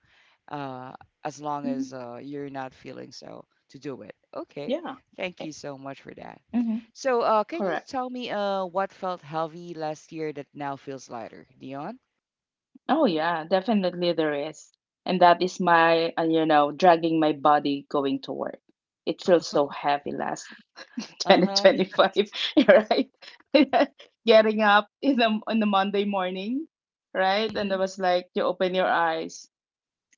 S1: uh, as long
S2: Mhm,
S1: as you're not feeling so to do it. Okay,
S2: yeah. Eh,
S1: thank you so much for that.
S2: mhm,
S1: So, can you
S2: correct.
S1: tell me what felt heavy last year that now feels lighter, Dion?
S2: Oh yeah, definitely there is. And that is my, you know, dragging my body going to work. It feels so heavy last
S1: Uh huh.
S2: 2025, right? Getting up in the Monday morning, right? And
S1: Hmm.
S2: I was like, you open your eyes,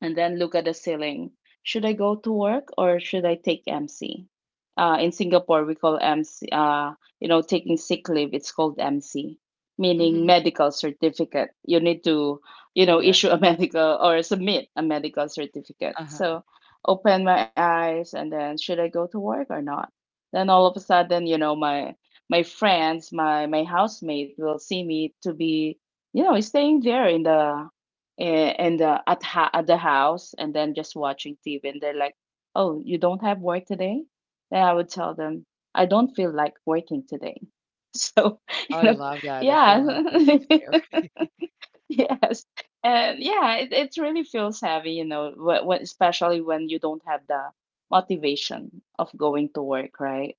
S2: and then look at the ceiling. Should I go to work or should I take MC? In Singapore, we call MC, you know, taking sick leave, it's called MC, meaning
S1: Hmm.
S2: medical certificate. You need to, you know,
S1: Yeah.
S2: issue a medical or submit a medical certificate.
S1: Uh huh.
S2: So open my eyes and then should I go to work or not? Then all of a sudden, you know, my friends, my housemate will see me to be, you know, staying there in the a- and at at the house and then just watching TV and they're like, "Oh, you don't have work today?" Then I would tell them, "I don't feel like working today." So, you
S1: I
S2: know,
S1: love that. The
S2: yeah.
S1: film not working today. Okay.
S2: Yes. And yeah, it really feels heavy, you know, when, especially when you don't have the motivation of going to work, right?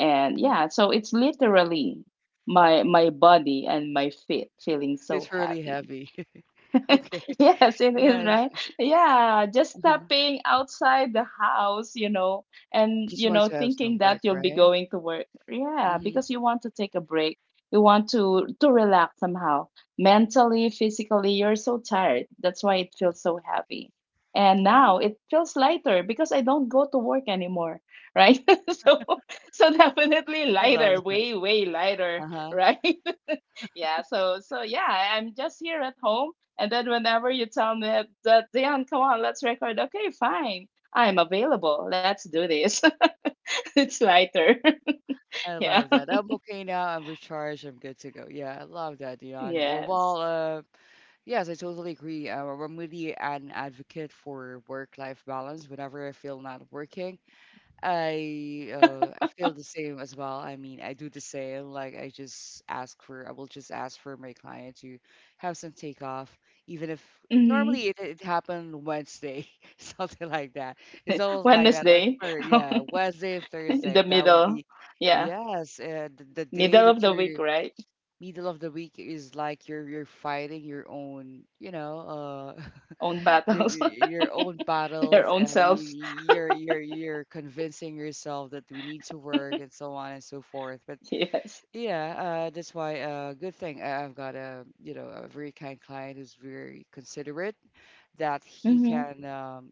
S2: And
S1: Mhm.
S2: yeah, so it's literally my body and my feet feeling so
S1: It's really
S2: heavy.
S1: heavy. Okay.
S2: Yes, it is,
S1: Yes.
S2: right? Yeah, just
S1: Uh-huh.
S2: stepping outside the house, you know, and,
S1: Just
S2: you
S1: wants
S2: know,
S1: to have some
S2: thinking that
S1: break,
S2: you'll be
S1: right?
S2: going to work. Yeah,
S1: Mm-hmm.
S2: because you want to take a break. You want to relax somehow. Mentally, physically, you're so tired. That's why it feels so heavy. And now
S1: Yeah.
S2: it feels lighter because I don't go to work anymore, right? So so definitely
S1: I love
S2: lighter,
S1: that.
S2: way, way lighter,
S1: Uh-huh.
S2: right? Yeah, so so yeah, I'm just here at home, and then whenever you tell me that, that Dion, come on, let's record. Okay, fine, I'm available. Let's do this. It's lighter.
S1: I
S2: Yeah.
S1: love that. I'm okay now. I'm recharged. I'm good to go. Yeah, I love that, Dion. Well, well,
S2: Yes.
S1: yes, I totally agree. I'm really an advocate for work-life balance. Whenever I feel not working, I feel the same as well. I mean, I do the same. Like I will just ask for my client to have some takeoff, even if
S2: Hmm.
S1: normally it happened Wednesday, something like that. It's always like that. Or
S2: Wednesday,
S1: third, yeah, Wednesday and
S2: in
S1: Thursday.
S2: the
S1: That would
S2: middle.
S1: be
S2: Yeah,
S1: yes. The day
S2: middle of
S1: that
S2: the
S1: you're
S2: week, right?
S1: middle of the week is like you're fighting your own, you know.
S2: Own battles,
S1: Your own
S2: your
S1: battles,
S2: own
S1: and
S2: self.
S1: you're convincing yourself that we need to work and so on and so forth but
S2: Yes.
S1: yeah. Uh, that's why good thing I've got, a you know, a very kind client who's very considerate that he
S2: Mm-hmm.
S1: can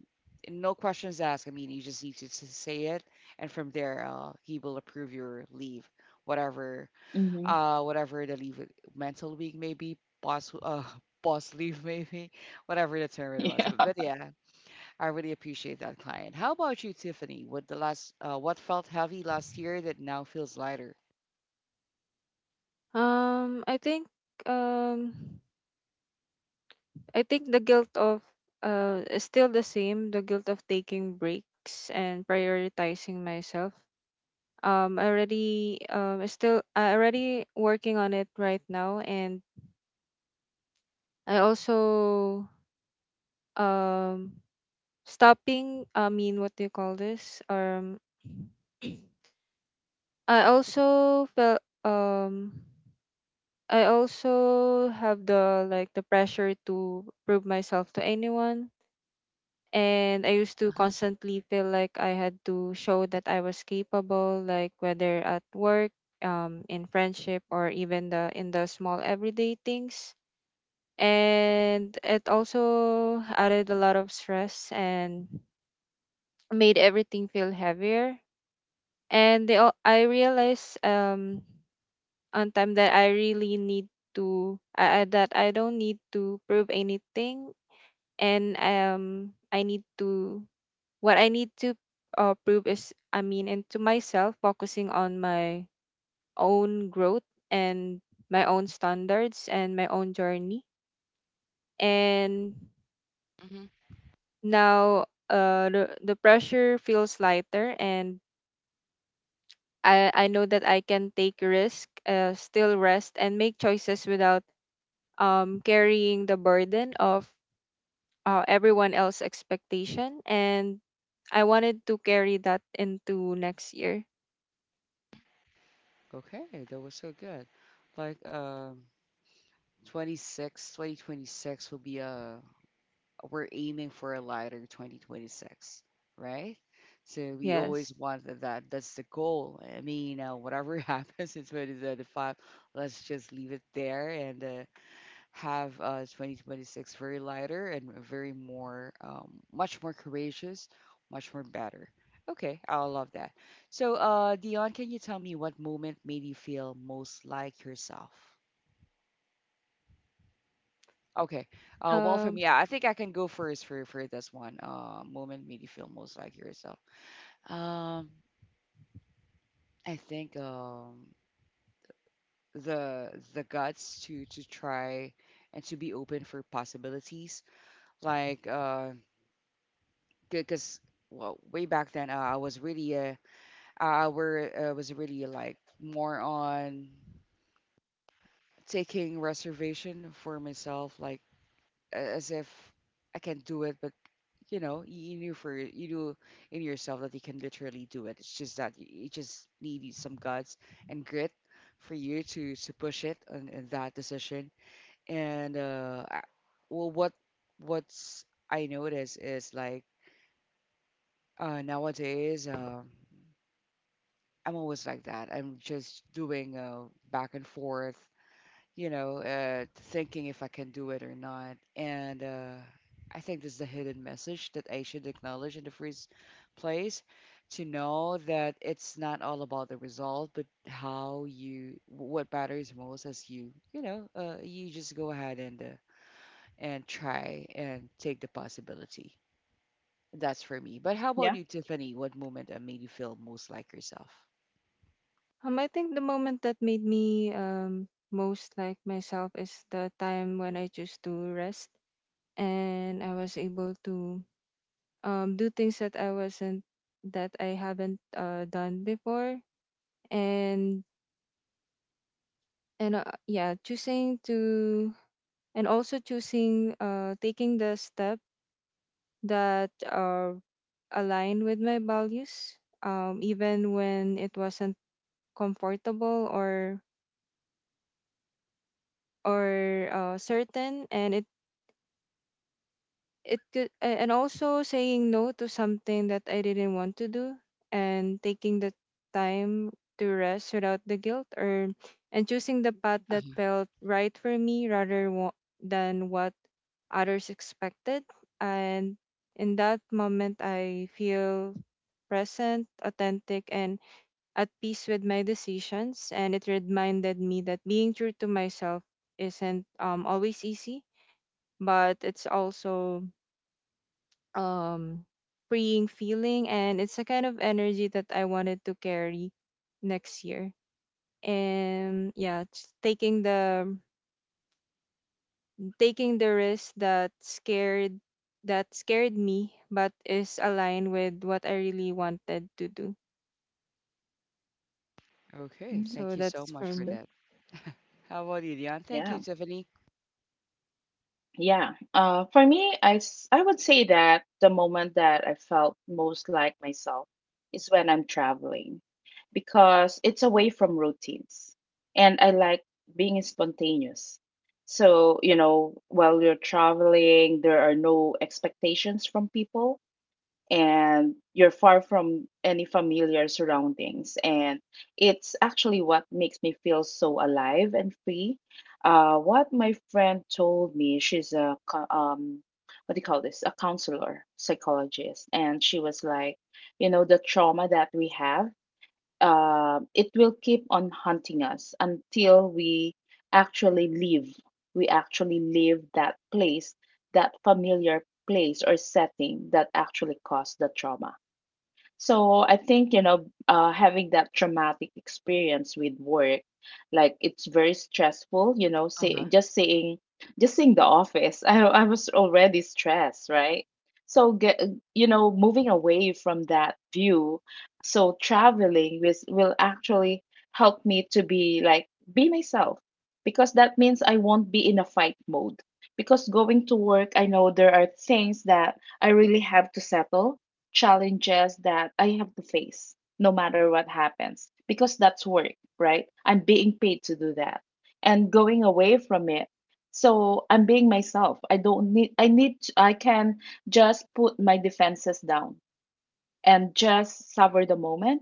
S1: no questions asked. I mean you just need to say it, and from there he will approve your leave, whatever,
S2: Mm-hmm.
S1: whatever the leave. Mental week maybe, boss, boss leave maybe, whatever the term it was,
S2: Yeah.
S1: but yeah, I really appreciate that client. How about you, Tiffany? What the last what felt heavy last year that now feels lighter?
S3: um i think um I think the guilt of is still the same, the guilt of taking breaks and prioritizing myself, already working on it right now. And I also um stopping, I mean, what do you call this I also felt I also have the like the pressure to prove myself to anyone. And I used to
S1: Uh-huh.
S3: constantly feel like I had to show that I was capable, like whether at work, in friendship, or even the in the small everyday things. And it also added a lot of stress and made everything feel heavier. And I realized on time that I really need to that I don't need to prove anything, and I need to. What I need to prove is, I mean, and to myself, focusing on my own growth and my own standards and my own journey. And
S1: Hmm.
S3: now the pressure feels lighter, and I know that I can take risk, still rest, and make choices without carrying the burden of everyone else's expectation. And I wanted to carry that into next year.
S1: Okay, that was so good. Like 26, 2026 will be a we're aiming for a lighter 2026, right? So we always
S3: Yes.
S1: want that. That's the goal. I mean, whatever happens in 2025, let's just leave it there and have 2026 very lighter and very more, much more courageous, much more better. Okay, I love that. So, Dion, can you tell me what moment made you feel most like yourself? Okay. Well, for me,
S3: Um,
S1: yeah, I think I can go first for this one. Moment made you feel most like yourself. Um, I think the guts to try and to be open for possibilities. Like uh, because well way back then I was really I were was really like more on taking reservation for myself like as if I can do it but you know you knew in yourself that you can literally do it. It's just that you just need some guts and grit for you to push it on that decision. And uh I- well what what's I notice is like nowadays I'm always like that. I'm just doing back and forth, you know, thinking if I can do it or not. And I think this is the hidden message that I should acknowledge in the first place, to know that it's not all about the result, but how you, what matters most is you, you know, you just go ahead and try and take the possibility. That's for me. But how about
S2: Yeah.
S1: you, Tiffany? What moment made you feel most like yourself?
S3: I think the moment that made me most like myself is the time when I chose to rest, and I was able to do things that I wasn't that I haven't done before, and and yeah, choosing to and also choosing taking the step that align with my values, even when it wasn't comfortable or certain. And it could a- And also saying no to something that I didn't want to do, and taking the time to rest without the guilt, or and choosing the path that felt right for me rather than what others expected. And in that moment I feel present, authentic and at peace with my decisions, and it reminded me that being true to myself isn't always easy, but it's also um freeing feeling, and it's a kind of energy that I wanted to carry next year. And yeah, just taking the risk that scared me but is aligned with what I really wanted to do.
S1: Okay,
S2: Mm-hmm.
S1: thank
S3: So
S1: you so
S3: that's
S1: much
S3: for
S2: It's
S1: for
S3: me.
S2: good.
S1: that. How about you, Dion? Thank you,
S2: Yeah.
S1: Tiffany.
S2: Yeah. For me, I would say that the moment that I felt most like myself is when I'm traveling because it's away from routines and I like being spontaneous. So, you know, while you're traveling, there are no expectations from people, and you're far from any familiar surroundings, and it's actually what makes me feel so alive and free. What my friend told me, she's a what do you call this, a counselor psychologist, and she was like, you know, the trauma that we have, it will keep on haunting us until we actually leave. We actually leave that place, that familiar place or setting that actually caused the trauma. So I think, you know, having that traumatic experience with work, like it's very stressful, you know,
S1: Uh
S2: say
S1: huh.
S2: just saying, just seeing the office, I was already stressed, right? So get, you know, moving away from that view, so traveling with will actually help me to be like be myself because that means I won't be in a fight mode. Because going to work, I know there are things that I really have to settle, challenges that I have to face no matter what happens because that's work, right? I'm being paid to do that, and going away from it. So I'm being myself. I don't need, I can just put my defenses down and just savor the moment,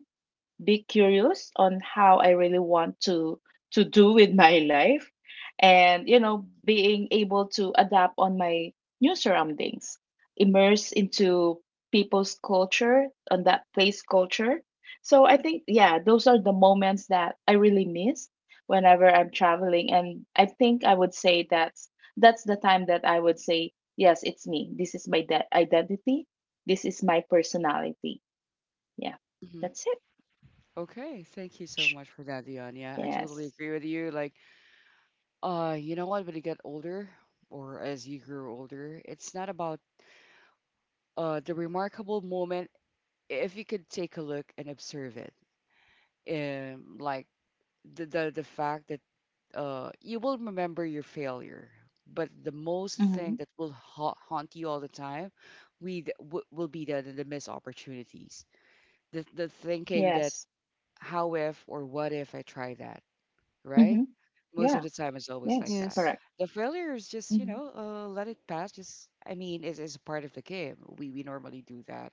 S2: be curious on how I really want to do with my life, and you know being able to adapt on my new surroundings, immerse into people's culture, on that place culture. So I think, yeah, those are the moments that I really miss whenever I'm traveling, and I think I would say that's the time that I would say yes, it's me, this is my identity, this is my personality. Yeah,
S1: Hmm.
S2: that's it.
S1: Okay, thank you so much for that, Dion. Yeah, I totally
S2: Yes.
S1: agree with you. Like, you know what? When you get older, or as you grow older, it's not about the remarkable moment. If you could take a look and observe it, like the fact that you will remember your failure, but the most
S2: Mhm.
S1: thing that will ha haunt you all the time, will be the missed opportunities, the
S2: Yes.
S1: thinking that how if or what if I try that,
S2: Mhm.
S1: right?
S2: Yeah.
S1: Most of the time, it's always
S2: Yes.
S1: like that.
S2: Correct.
S3: Yes.
S1: The failure is just, you
S2: Mhm.
S1: know, let it pass. Just, I mean, it's part of the game. We normally do that,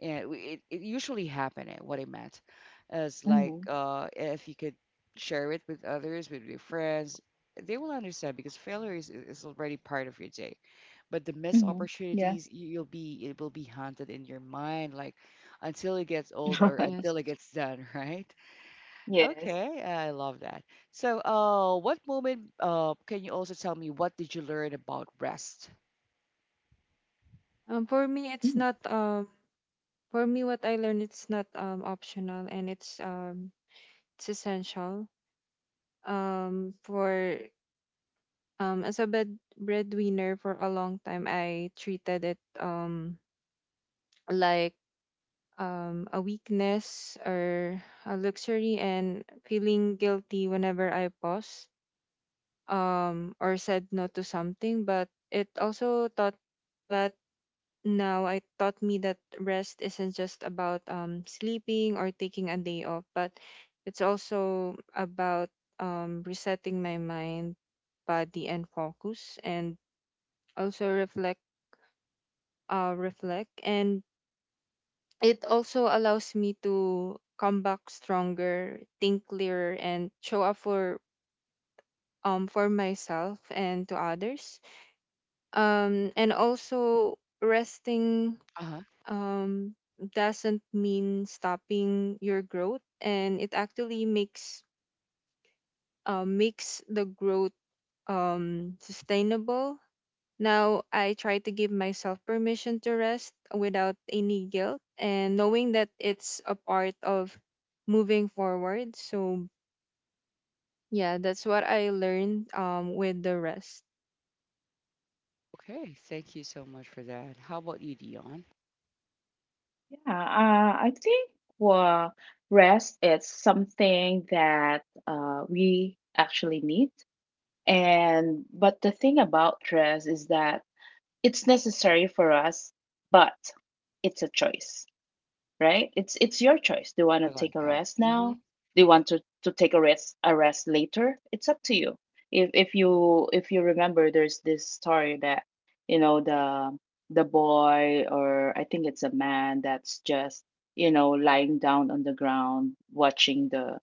S1: and it, it usually happened, what it meant is like,
S2: Mhm.
S1: if you could share it with others, with your friends, they will understand because failure is already part of your day. But the missed
S2: Mhm. Yeah.
S1: opportunities, you'll be, it will be haunted in your mind like until it gets old or
S3: Yes.
S1: until it gets done, right?
S2: Yes.
S1: Okay, I love that. So what moment, can you also tell me what did you learn about rest?
S3: For me it's
S2: Mm.
S3: not for me what I learned, it's not optional, and it's essential for as a bed breadwinner. For a long time I treated it like a weakness or a luxury, and feeling guilty whenever I pause or said no to something. But it also taught that now I taught me that rest isn't just about sleeping or taking a day off, but it's also about resetting my mind, body and focus, and also reflect. And it also allows me to come back stronger, think clearer, and show up for myself and to others. And also resting
S1: Uh-huh.
S3: um doesn't mean stopping your growth, and it actually makes makes the growth sustainable. Now I try to give myself permission to rest without any guilt, and knowing that it's a part of moving forward. So yeah, that's what I learned with the rest.
S1: Okay, thank you so much for that. How about you, Dion?
S2: Yeah. I think, well, rest is something that we actually need. And but the thing about rest is that it's necessary for us, but it's a choice, right? It's your choice. Do you want
S1: I
S2: to
S1: love
S2: take a
S1: that.
S2: rest
S1: Mhm.
S2: now? Do you want to take a rest later? It's up to you. If you remember, there's this story that, you know, the boy, or I think it's a man, that's just, you know, lying down on the ground watching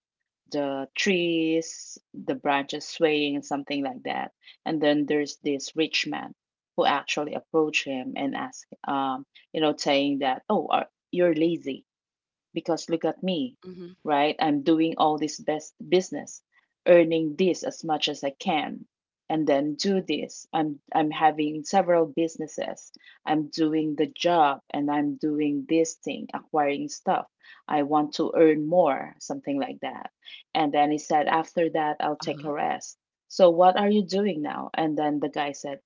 S2: the trees, the branches swaying and something like that. And then there's this rich man who actually approached him and asked, you know, saying that, oh, are, you're lazy because look at me,
S1: Mhm.
S2: right? I'm doing all this best business, earning this as much as I can, and then do this. I'm having several businesses. I'm doing the job and I'm doing this thing, acquiring stuff. I want to earn more, something like that. And then he said, after that, I'll take
S1: Uh-huh.
S2: a rest. So what are you doing now? And then the guy said,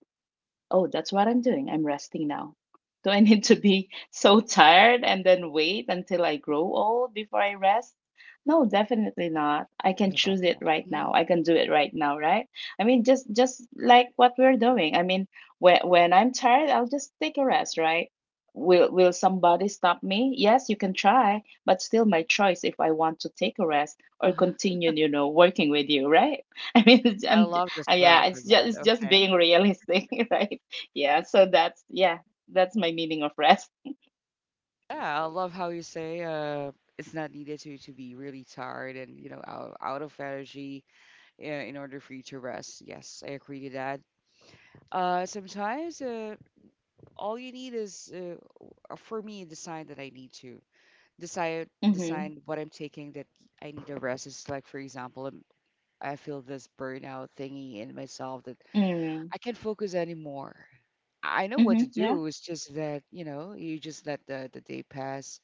S2: oh, that's what I'm doing. I'm resting now. Do I need to be so tired and then wait until I grow old before I rest? No, definitely not. I can
S1: I
S2: choose
S1: love
S2: it
S1: that.
S2: right now.
S1: Mhm.
S2: I can do it right now, right? I mean, just like what we're doing. I mean, when I'm tired, I'll just take a rest, right? Will somebody stop me? Yes, you can try, but still my choice if I want to take a rest or
S1: Uh-huh.
S2: continue, you know, working with you, right? I mean,
S1: I
S2: I'm
S1: love the
S2: yeah,
S1: swag for that.
S2: it's just
S1: Okay.
S2: being realistic, right? Yeah, so that's yeah, that's my meaning of rest.
S1: Yeah, I love how you say it's not needed to be really tired and you know out, out of energy, in order for you to rest. Yes, I agree to that. Sometimes all you need is for me the sign that I need to
S2: Mhm.
S1: decide what I'm taking, that I need to rest. It's like, for example, I feel this burnout thingy in myself that
S2: Mm.
S1: I can't focus anymore. I know what to
S2: Mhm. Yeah.
S1: do. It's just that, you know, you just let the day pass.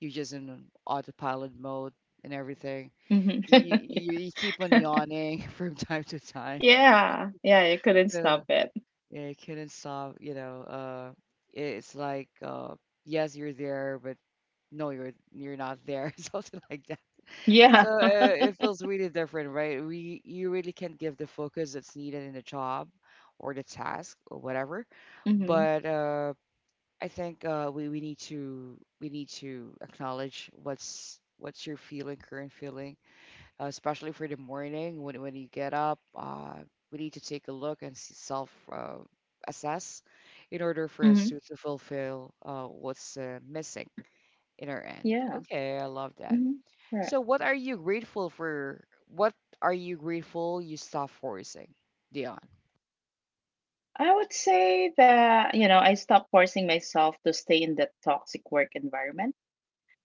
S1: You're just in an autopilot mode and everything.
S2: Mhm.
S1: You keep on
S2: Yeah.
S1: yawning from time to time.
S2: Yeah. Yeah, you couldn't
S1: So,
S2: stop it.
S1: yeah, you couldn't stop, you know. It's like, yes, you're there, but no, you're not there, something like
S2: Yeah.
S1: so it feels really different, right? We, you really can't give the focus that's needed in the job or the task or whatever.
S2: Mhm.
S1: But I think we need to acknowledge what's your feeling, current feeling, especially for the morning when you get up. We need to take a look and self assess, in order for us
S2: Mhm.
S1: to fulfill what's missing in our end.
S2: Yeah.
S1: Okay, I love that.
S2: Mhm. Right.
S1: So what are you grateful for? What are you grateful you stop forcing, Dion?
S2: I would say that, you know, I stopped forcing myself to stay in that toxic work environment.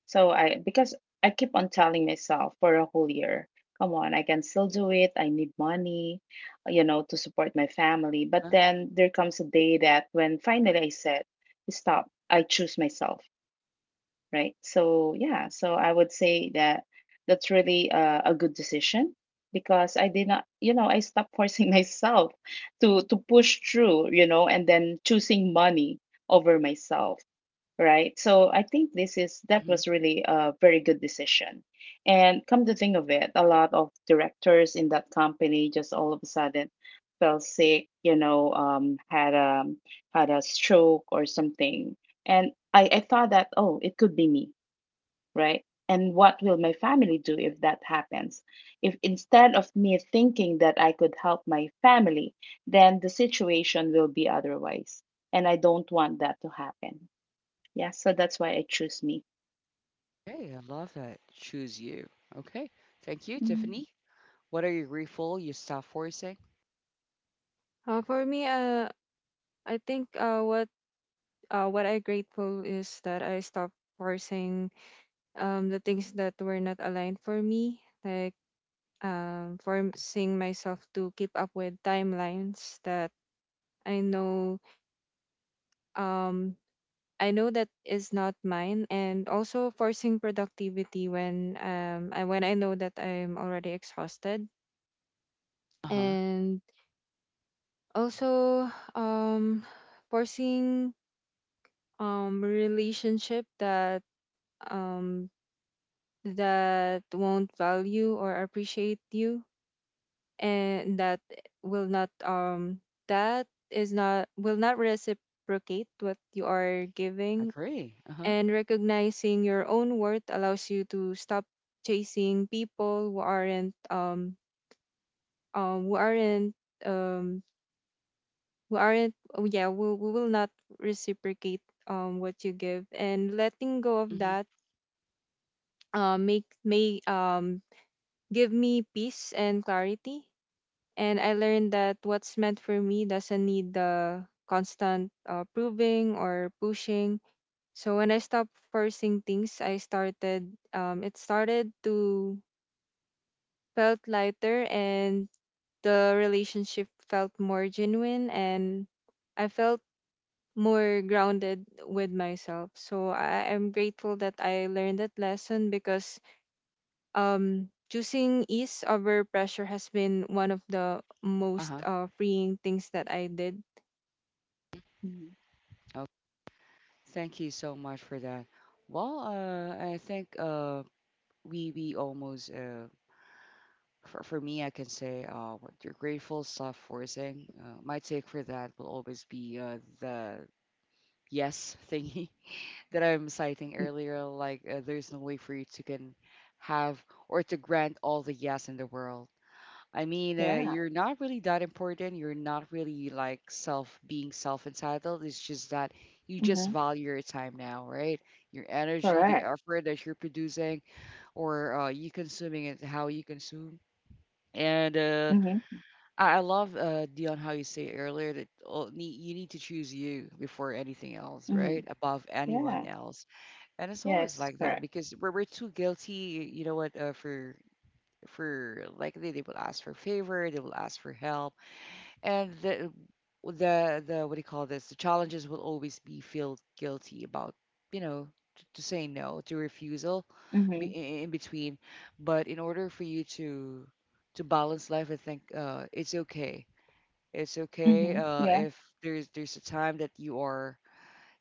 S2: So I because I keep on telling myself for a whole year, come on, I can still do it. I need money, you know, to support my family. But
S1: Huh?
S2: then there comes a day that when finally I said, stop, I choose myself, right? So yeah, so I would say that that's really a good decision because I did not, you know, I stopped forcing myself to push through, you know, and then choosing money over myself, right? So I think this is that
S1: Mhm.
S2: was really a very good decision. And come to think of it, a lot of directors in that company just all of a sudden fell sick, you know, had a stroke or something. And I thought that, oh, it could be me, right? And what will my family do if that happens? If instead of me thinking that I could help my family, then the situation will be otherwise. And I don't want that to happen. Yeah, so that's why I choose me.
S1: Okay, I love that. Choose you. Okay, thank you,
S2: Mm,
S1: Tiffany. What are you grateful you stop forcing?
S3: For me, I think what I grateful is that I stopped forcing the things that were not aligned for me, like forcing myself to keep up with timelines that I know um that is not mine, and also forcing productivity when when I know that I'm already exhausted,
S1: Uh huh.
S3: and also forcing relationship that um that won't value or appreciate you, and that will not that is not will not reciprocate what you are giving.
S1: Agree. Uh huh.
S3: And recognizing your own worth allows you to stop chasing people who aren't who aren't um who aren't oh, yeah who will not reciprocate what you give, and letting go of
S1: Hmm.
S3: that make may give me peace and clarity. And I learned that what's meant for me doesn't need the constant proving or pushing. So when I stopped forcing things, I started it started to felt lighter, and the relationship felt more genuine, and I felt more grounded with myself. So I am grateful that I learned that lesson, because choosing ease over pressure has been one of the
S1: Uh
S3: most
S1: huh.
S3: freeing things that I did.
S2: mm,
S1: Okay. Thank you so much for that. Well, I think we almost for me, I can say what you're grateful stop forcing. My take for that will always be the yes thingy that I'm citing
S2: mm.
S1: earlier, like there's no way for you to can have or to grant all the yes in the world. I mean,
S2: Yeah.
S1: you're not really that important. You're not really like self being self entitled. It's just that you just
S2: Mm-hmm.
S1: value your time now, right? Your energy, the
S2: Correct.
S1: effort that you're producing, or you consuming it, how you consume. And
S2: Mm-hmm.
S1: I love Dion how you say earlier that you need to choose you before anything else,
S2: Mm-hmm.
S1: right? Above
S2: Yeah.
S1: anyone else. And it's always
S2: Yes,
S1: like that
S2: correct.
S1: because we're too guilty, you know what, for like they will ask for favor, they will ask for help, and the what do you call this? The challenges will always be feel guilty about, you know, to say no, to refusal,
S2: Mm-hmm.
S1: be in between. But in order for you to balance life, I think it's okay. It's
S2: Mm-hmm.
S1: okay
S2: Yeah.
S1: if there's a time that you are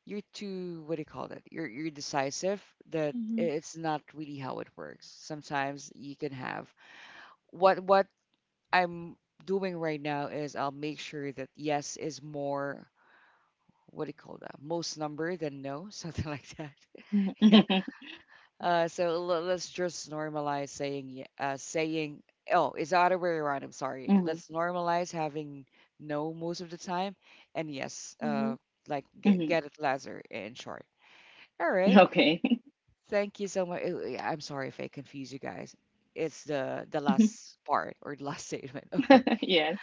S1: you're too, what do you call it, you're decisive, that
S3: Mm-hmm.
S1: it's not really how it works. Sometimes you can have what I'm doing right now is I'll make sure that yes is more, what do you call that, most number than no, something like that. yeah.
S2: Mm-hmm.
S1: So let's just normalize saying saying, oh it's the other way around, I'm sorry,
S2: Mm-hmm.
S1: let's normalize having no most of the time, and yes
S3: Mm-hmm.
S1: like
S2: Mm-hmm.
S1: get it lesser, in short. All right.
S2: Okay.
S1: Thank you so much. Yeah, I'm sorry if I confuse you guys. It's the last part or the last statement. Okay.
S2: Yes.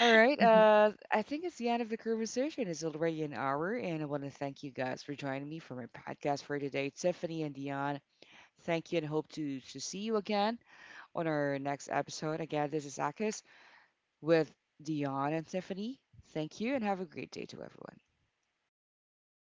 S1: All right. I think it's the end of the conversation. It's already an hour, and I want to thank you guys for joining me for my podcast for today, Tiffany and Dion. Thank you, and hope to see you again on our next episode. Again, this is Akis with Dion and Tiffany. Thank you, and have a great day to everyone.
S3: Thank
S2: Thanks.
S3: you.